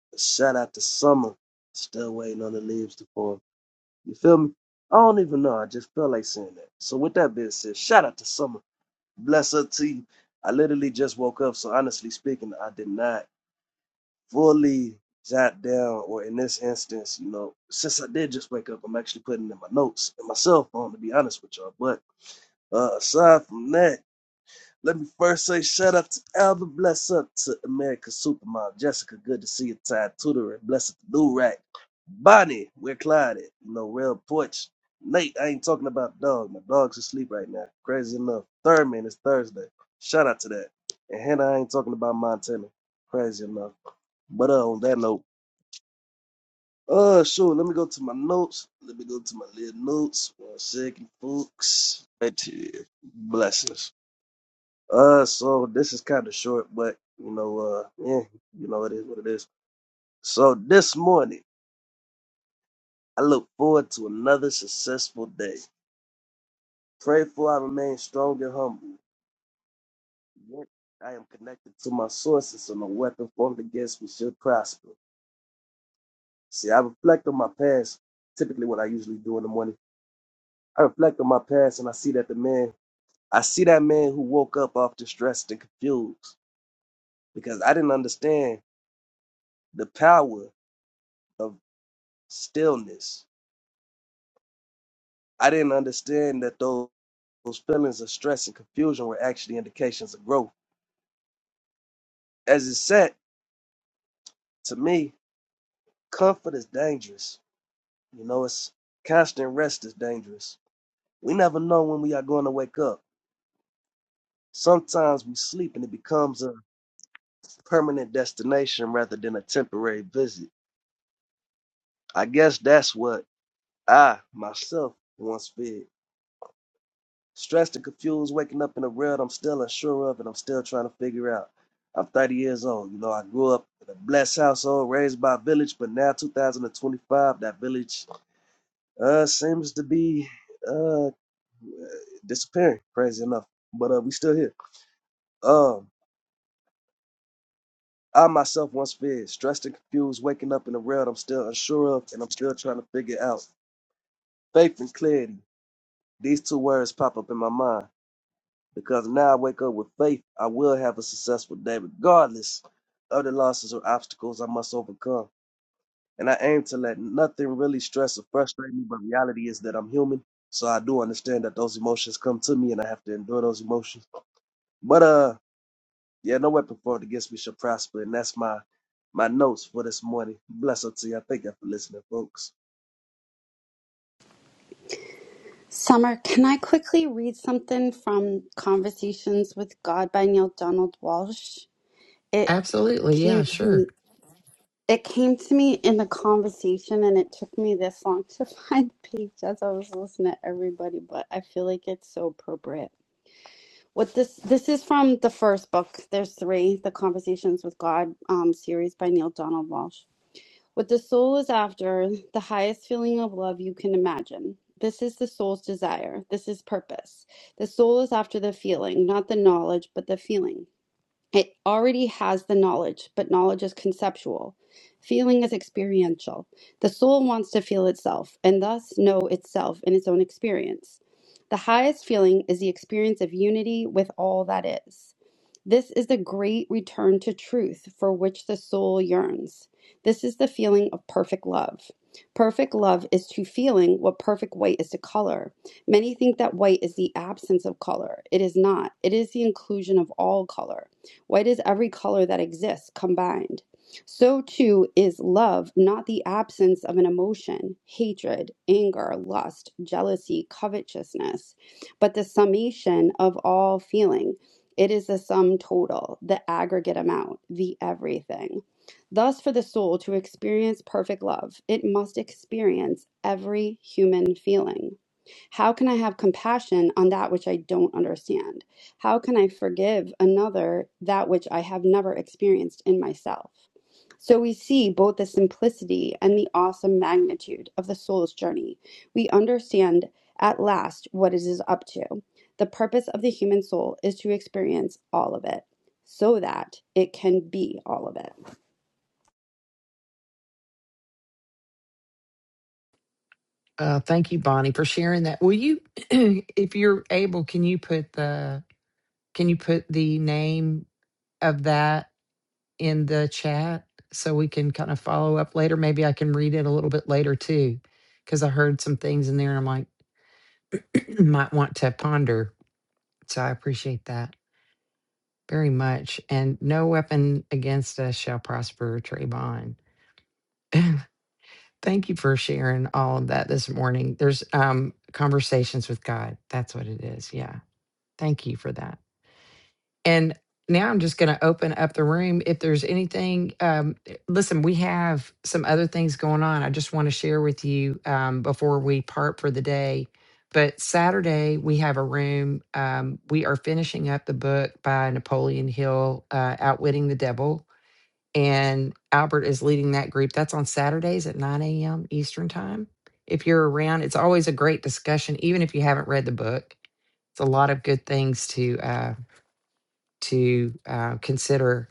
out, shout out to Summer. Still waiting on the leaves to fall. You feel me? I don't even know. I just felt like saying that. So, with that being said, shout out to Summer. Bless her to you. I literally just woke up. So, honestly speaking, I did not fully jot down, or in this instance, you know, since I did just wake up, I'm actually putting in my notes and my cell phone, to be honest with y'all. But uh, aside from that, Let me first say shout out to Alba, bless up to America Supermodel, Jessica, good to see you, Ty Tutoring, bless up to New Rack, Bonnie, where Clyde at? You know, Real Porch, Nate, I ain't talking about dog, my dog's asleep right now, crazy enough, Thurman, it's Thursday, shout out to that, and Hannah, I ain't talking about Montana, crazy enough, but uh, on that note, uh, sure, let me go to my notes, let me go to my little notes, one second, folks, right here, blessings. Uh, so this is kind of short, but you know, uh, yeah, you know, it is what it is. So this morning, I look forward to another successful day. Pray for I remain strong and humble. Yet I am connected to my sources, so no weapon formed against me should prosper. See, I reflect on my past. Typically, what I usually do in the morning, I reflect on my past, and I see that the man, I see that man who woke up off distressed and confused because I didn't understand the power of stillness I didn't understand that those, those feelings of stress and confusion were actually indications of growth. As it said, to me, comfort is dangerous. You know, it's constant rest is dangerous. We never know when we are going to wake up. Sometimes we sleep and it becomes a permanent destination rather than a temporary visit. I guess that's what I myself once feared. Stressed and confused, waking up in a world I'm still unsure of and I'm still trying to figure out. I'm 30 years old. You know, I grew up in a blessed household, raised by a village, but now 2025, that village uh seems to be uh disappearing, crazy enough. But uh we still here. Um I myself once feared, stressed and confused, waking up in a world I'm still unsure of and I'm still trying to figure out. Faith and clarity. These two words pop up in my mind. Because now I wake up with faith, I will have a successful day, regardless of the losses or obstacles I must overcome. And I aim to let nothing really stress or frustrate me, but reality is that I'm human. So I do understand that those emotions come to me and I have to endure those emotions. But uh yeah, no weapon formed against me shall prosper, and that's my my notes for this morning. Bless up to you. I thank you for listening, folks.
Summer, can I quickly read something from Conversations with God by Neil Donald Walsh? It
Absolutely.
came
Yeah,
to me.
sure.
It came to me in the conversation, and it took me this long to find the page as I was listening to everybody. But I feel like it's so appropriate. What this this is from the first book. There's three, the Conversations with God um, series by Neil Donald Walsh. What the soul is after, the highest feeling of love you can imagine. This is the soul's desire. This is purpose. The soul is after the feeling, not the knowledge, but the feeling. It already has the knowledge, but knowledge is conceptual. Feeling is experiential. The soul wants to feel itself, and thus know itself in its own experience. The highest feeling is the experience of unity with all that is. This is the great return to truth for which the soul yearns. This is the feeling of perfect love. Perfect love is to feeling what perfect white is to color. Many think that white is the absence of color. It is not, it is the inclusion of all color. White is every color that exists combined. So too is love not the absence of an emotion, hatred, anger, lust, jealousy, covetousness, but the summation of all feeling. It is the sum total, the aggregate amount, the everything. Thus, for the soul to experience perfect love, it must experience every human feeling. How can I have compassion on that which I don't understand? How can I forgive another that which I have never experienced in myself? So we see both the simplicity and the awesome magnitude of the soul's journey. We understand at last what it is up to. The purpose of the human soul is to experience all of it so that it can be all of it.
Uh, thank you, Bonnie, for sharing that. Will you, if you're able, can you put the can you put the name of that in the chat so we can kind of follow up later? Maybe I can read it a little bit later too, because I heard some things in there. and I'm like, might want to ponder. So I appreciate that very much. And no weapon against us shall prosper, Trayvon. Thank you for sharing all of that this morning. There's um conversations with God. That's what it is. Yeah. Thank you for that. And now I'm just going to open up the room. If there's anything, um, eh, listen, we have some other things going on. I just want to share with you um, before we part for the day. But Saturday, we have a room. Um, we are finishing up the book by Napoleon Hill, uh, Outwitting the Devil and Albert is leading that group. That's on Saturdays at 9 a.m. Eastern Time. If you're around, it's always a great discussion, even if you haven't read the book. It's a lot of good things to uh, to uh, consider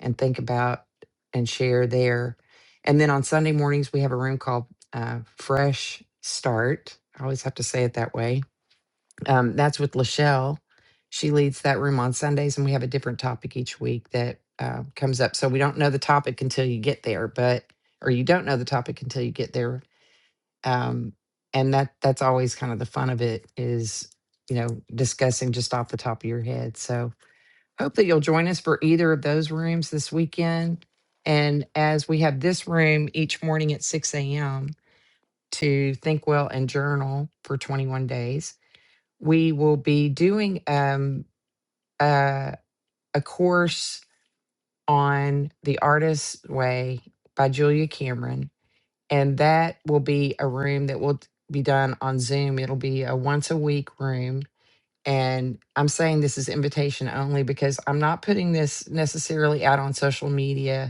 and think about and share there. And then on Sunday mornings, we have a room called uh, Fresh Start. I always have to say it that way um, that's with Lachelle. She leads that room on Sundays, and we have a different topic each week that uh, comes up. So we don't know the topic until you get there, but or you don't know the topic until you get there. Um, and that that's always kind of the fun of it is you know discussing just off the top of your head. So hope that you'll join us for either of those rooms this weekend. And as we have this room each morning at 6 a.m. to think well and journal for 21 days we will be doing um, uh, a course on the artist's way by julia cameron and that will be a room that will be done on zoom it'll be a once a week room and i'm saying this is invitation only because i'm not putting this necessarily out on social media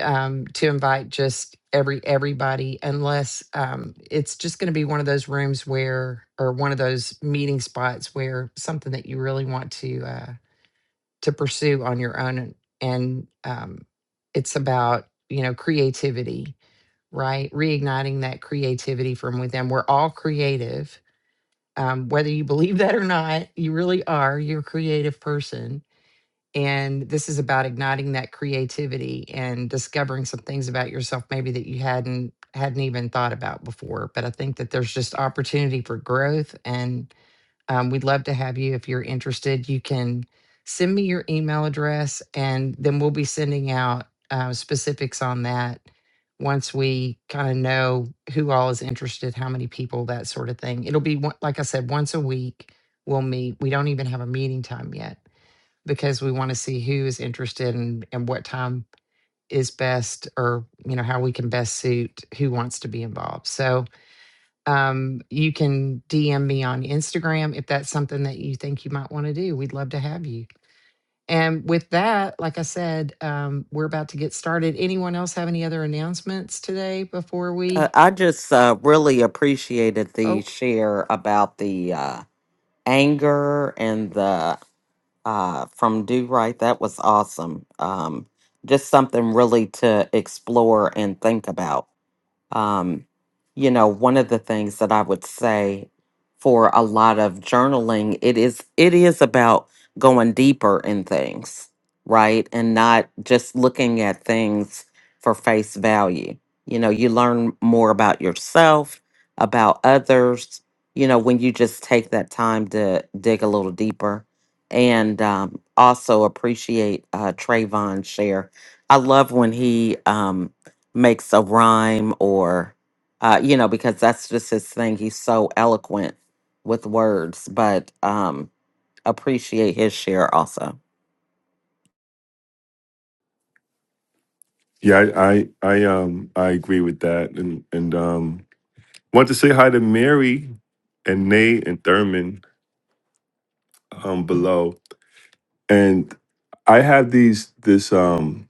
um, to invite just every everybody unless um, it's just going to be one of those rooms where or one of those meeting spots where something that you really want to uh, to pursue on your own and, and um, it's about you know creativity right reigniting that creativity from within we're all creative um, whether you believe that or not you really are you're a creative person and this is about igniting that creativity and discovering some things about yourself maybe that you hadn't hadn't even thought about before. But I think that there's just opportunity for growth, and um, we'd love to have you if you're interested. You can send me your email address, and then we'll be sending out uh, specifics on that once we kind of know who all is interested, how many people, that sort of thing. It'll be one- like I said, once a week we'll meet. We don't even have a meeting time yet because we want to see who is interested and, and what time is best or you know how we can best suit who wants to be involved so um, you can dm me on instagram if that's something that you think you might want to do we'd love to have you and with that like i said um, we're about to get started anyone else have any other announcements today before
Uh,
we
I just uh, really appreciated the
oh
share about the uh, anger and the uh, from Do Right. That was awesome. Um, just something really to explore and think about. Um, you know, one of the things that I would say for a lot of journaling, it is it is about going deeper in things, right? And not just looking at things for face value. You know, you learn more about yourself, about others, you know, when you just take that time to dig a little deeper. And um, also appreciate uh, Trayvon's share. I love when he um, makes a rhyme or uh you know because that's just his thing he's so eloquent with words but um appreciate his share also
Yeah, I I, I um I agree with that and and um want to say hi to Mary and Nate and Thurman um below. And I have these this um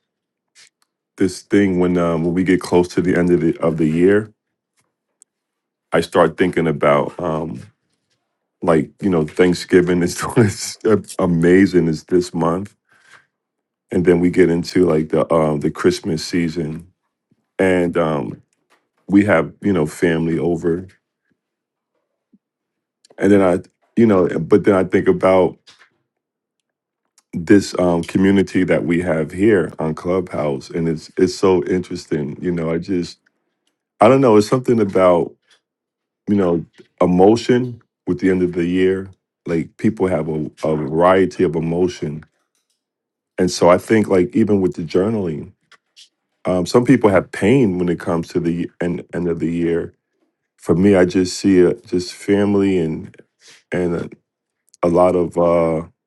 this thing when um when we get close to the end of the of the year, I start thinking about um like you know Thanksgiving is it's amazing is this month, and then we get into like the um the Christmas season, and um we have you know family over, and then I you know but then I think about this um community that we have here on Clubhouse, and it's it's so interesting. You know, I just I don't know. It's something about you know, emotion with the end of the year. Like people have a, a variety of emotion. And so I think like even with the journaling, um, some people have pain when it comes to the end, end of the year. For me, I just see it just family and and a, a lot of uh, a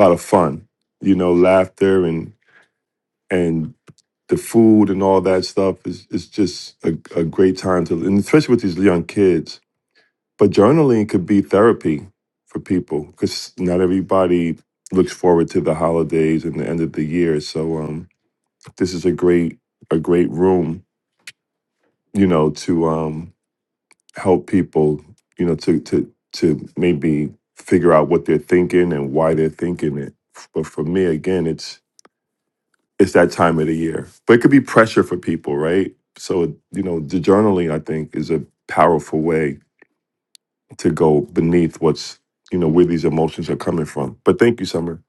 lot of fun, you know, laughter and and the food and all that stuff is is just a, a great time to, and especially with these young kids But journaling could be therapy for people because not everybody looks forward to the holidays and the end of the year. So um, this is a great a great room, you know, to um, help people, you know, to to to maybe figure out what they're thinking and why they're thinking it. But for me, again, it's it's that time of the year. But it could be pressure for people, right? So you know, the journaling I think is a powerful way to go beneath what's you know where these emotions are coming from. But thank you, Summer.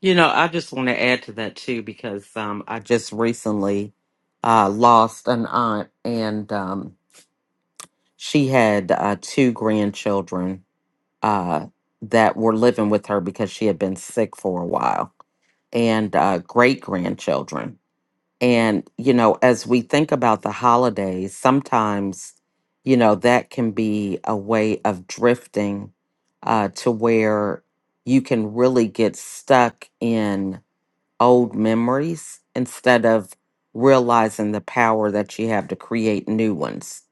you know i just want to add to that too because um i just recently uh lost an aunt and um she had uh two grandchildren uh that were living with her because she had been sick for a while and uh great grandchildren And, you know, as we think about the holidays, sometimes, you know, that can be a way of drifting uh, to where you can really get stuck in old memories instead of realizing the power that you have to create new ones.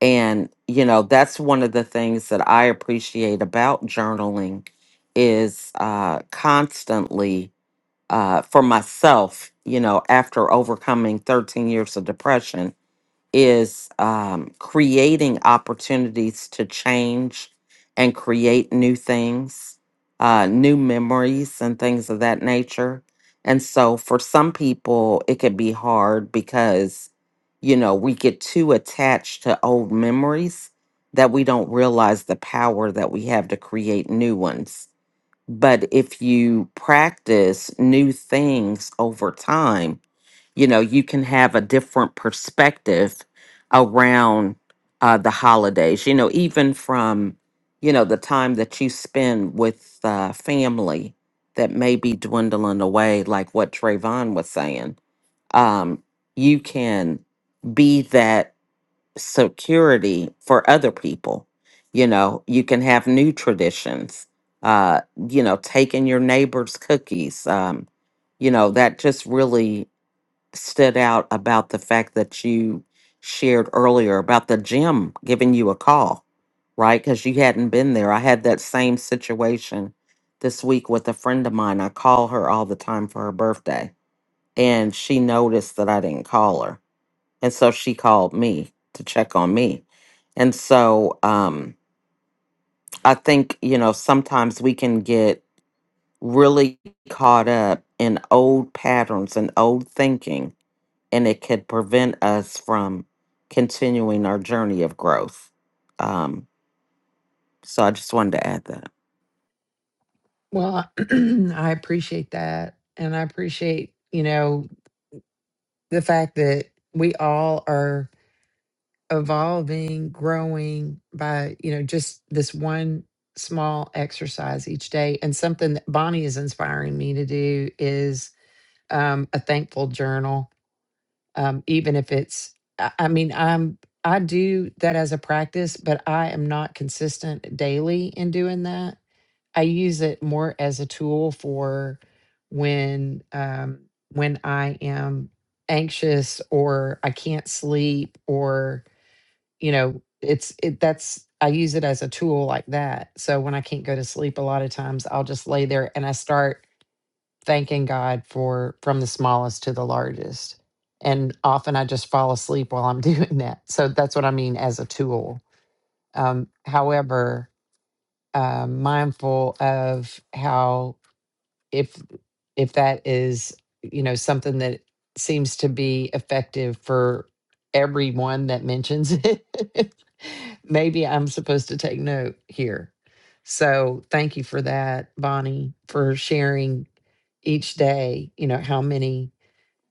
And, you know, that's one of the things that I appreciate about journaling is uh, constantly uh, for myself, you know, after overcoming 13 years of depression, is um, creating opportunities to change and create new things, uh, new memories, and things of that nature. And so for some people, it could be hard because, you know, we get too attached to old memories that we don't realize the power that we have to create new ones but if you practice new things over time, you know, you can have a different perspective around uh, the holidays, you know, even from, you know, the time that you spend with uh, family that may be dwindling away, like what Trayvon was saying. Um, you can be that security for other people. You know, you can have new traditions. Uh, you know, taking your neighbor's cookies. Um, you know, that just really stood out about the fact that you shared earlier about the gym giving you a call, right? Because you hadn't been there. I had that same situation this week with a friend of mine. I call her all the time for her birthday, and she noticed that I didn't call her and so she called me to check on me. And so um, I think, you know, sometimes we can get really caught up in old patterns and old thinking, and it could prevent us from continuing our journey of growth. Um, so I just wanted to add that.
well i appreciate that and i appreciate you know the fact that we all are evolving, growing by, you know, just this one small exercise each day. And something that Bonnie is inspiring me to do is um, a thankful journal, um, even if it's, I, I mean, I'm, I do that as a practice, but I am not consistent daily in doing that. I use it more as a tool for when, um, when I am anxious or I can't sleep or you know it's it that's i use it as a tool like that so when i can't go to sleep a lot of times i'll just lay there and i start thanking god for from the smallest to the largest and often i just fall asleep while i'm doing that so that's what i mean as a tool um, however uh, mindful of how if if that is you know something that seems to be effective for everyone that mentions it maybe i'm supposed to take note here so thank you for that bonnie for sharing each day you know how many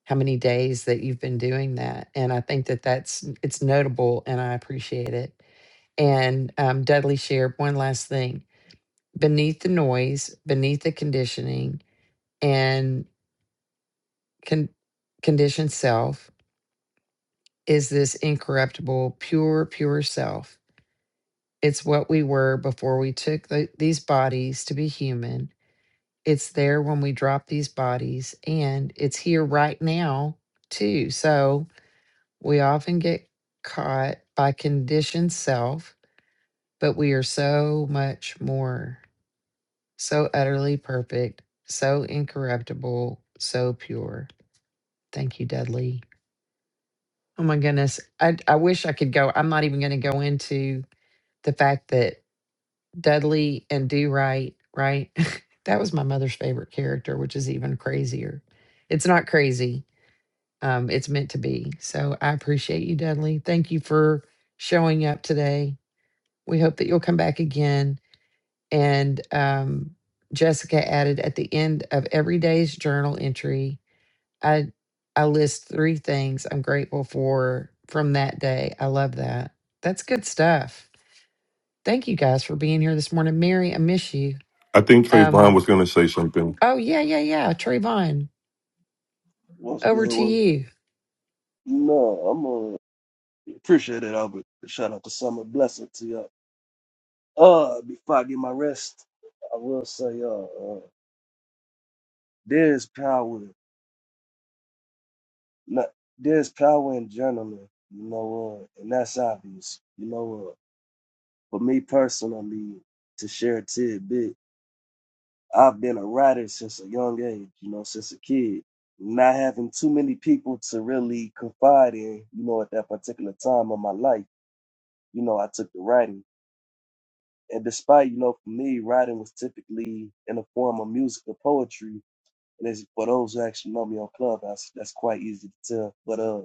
how many days that you've been doing that and i think that that's it's notable and i appreciate it and um, dudley shared one last thing beneath the noise beneath the conditioning and con- conditioned self is this incorruptible, pure, pure self. It's what we were before we took the, these bodies to be human. It's there when we drop these bodies, and it's here right now, too. So we often get caught by conditioned self, but we are so much more, so utterly perfect, so incorruptible, so pure. Thank you, Dudley. Oh my goodness. I I wish I could go. I'm not even going to go into the fact that Dudley and Do Right, right? that was my mother's favorite character, which is even crazier. It's not crazy. Um, it's meant to be. So I appreciate you, Dudley. Thank you for showing up today. We hope that you'll come back again. And um, Jessica added at the end of every day's journal entry, I I list three things I'm grateful for from that day. I love that. That's good stuff. Thank you guys for being here this morning. Mary, I miss you.
I think Trayvon was
Um,
going to say something.
oh yeah, yeah, yeah. Trayvon,
What's good?
over to
Well,
you.
no, I'm uh, appreciate it, Albert. Shout out to Summer. Bless up to you. Uh, before I get my rest, I will say, uh, uh there's power, not, there's power in journaling, you know, uh, and that's obvious, you know, uh, for me personally, to share a tidbit, I've been a writer since a young age, you know, since a kid, not having too many people to really confide in, you know, at that particular time of my life, you know, I took to writing. And despite, you know, for me, writing was typically in the form of music or poetry, And it's for those who actually know me on Clubhouse, that's quite easy to tell. But uh,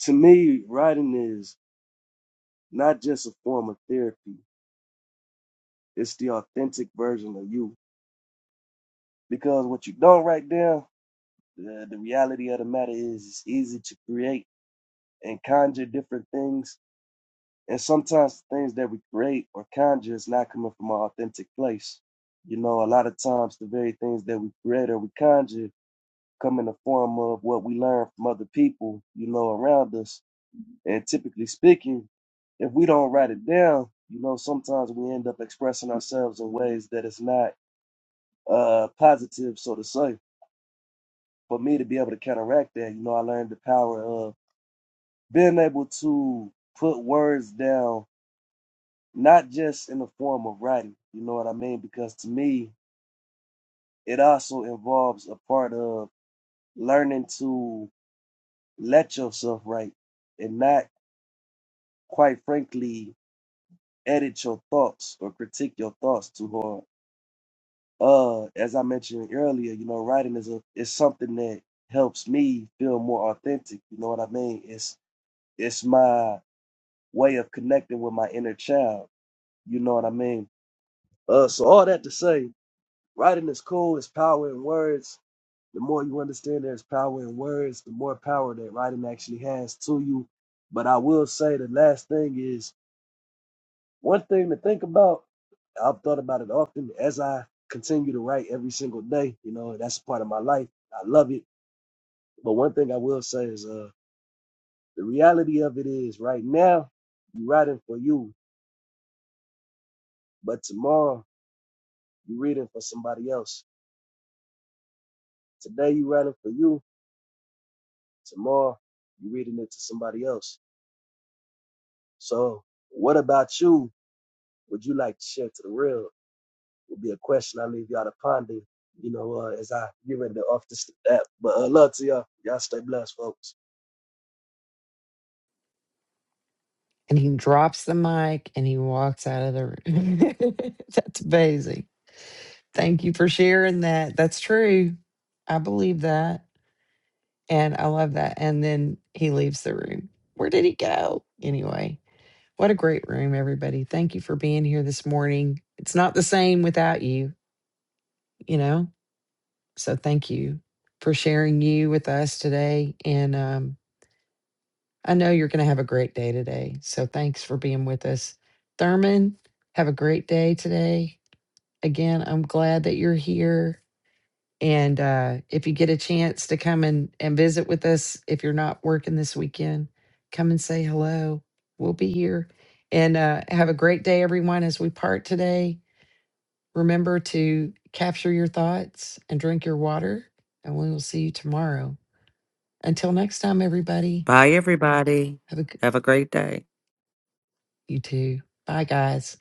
to me, writing is not just a form of therapy; it's the authentic version of you. Because what you don't write down, the, the reality of the matter is, it's easy to create and conjure different things. And sometimes the things that we create or conjure is not coming from our authentic place. You know, a lot of times the very things that we create or we conjure come in the form of what we learn from other people, you know, around us And typically speaking, if we don't write it down, you know, sometimes we end up expressing ourselves in ways that is not uh, positive, so to say. For me to be able to counteract that, you know, I learned the power of being able to put words down, not just in the form of writing, you know what I mean? Because to me, it also involves a part of learning to let yourself write and not, quite frankly, edit your thoughts or critique your thoughts too hard uh as i mentioned earlier you know writing is a is something that helps me feel more authentic you know what i mean it's it's my way of connecting with my inner child you know what i mean uh so all that to say writing is cool it's power in words the more you understand there's power in words the more power that writing actually has to you but i will say the last thing is One thing to think about, I've thought about it often as I continue to write every single day. You know, that's part of my life. I love it. But one thing I will say is uh the reality of it is right now you're writing for you, but tomorrow you're reading for somebody else. Today you're writing for you, tomorrow you're reading it to somebody else. So what about you would you like to share to the real? would be a question I leave y'all to ponder, you know, uh, as I get ready to off this app. But uh, love to y'all. Y'all stay blessed, folks.
And he drops the mic and he walks out of the room. That's amazing. Thank you for sharing that. That's true. I believe that. And I love that. And then he leaves the room. Where did he go? Anyway, What a great room, everybody. Thank you for being here this morning. It's not the same without you, you know? So thank you for sharing you with us today. And um, I know you're going to have a great day today. So thanks for being with us. Thurman, have a great day today. Again, I'm glad that you're here. And uh, if you get a chance to come and, and visit with us, if you're not working this weekend, come and say hello. We'll be here. And uh, have a great day, everyone, as we part today. Remember to capture your thoughts and drink your water, and we will see you tomorrow. Until next time, everybody,
Bye, everybody.
have a good,
Have a great day.
you too. Bye, guys.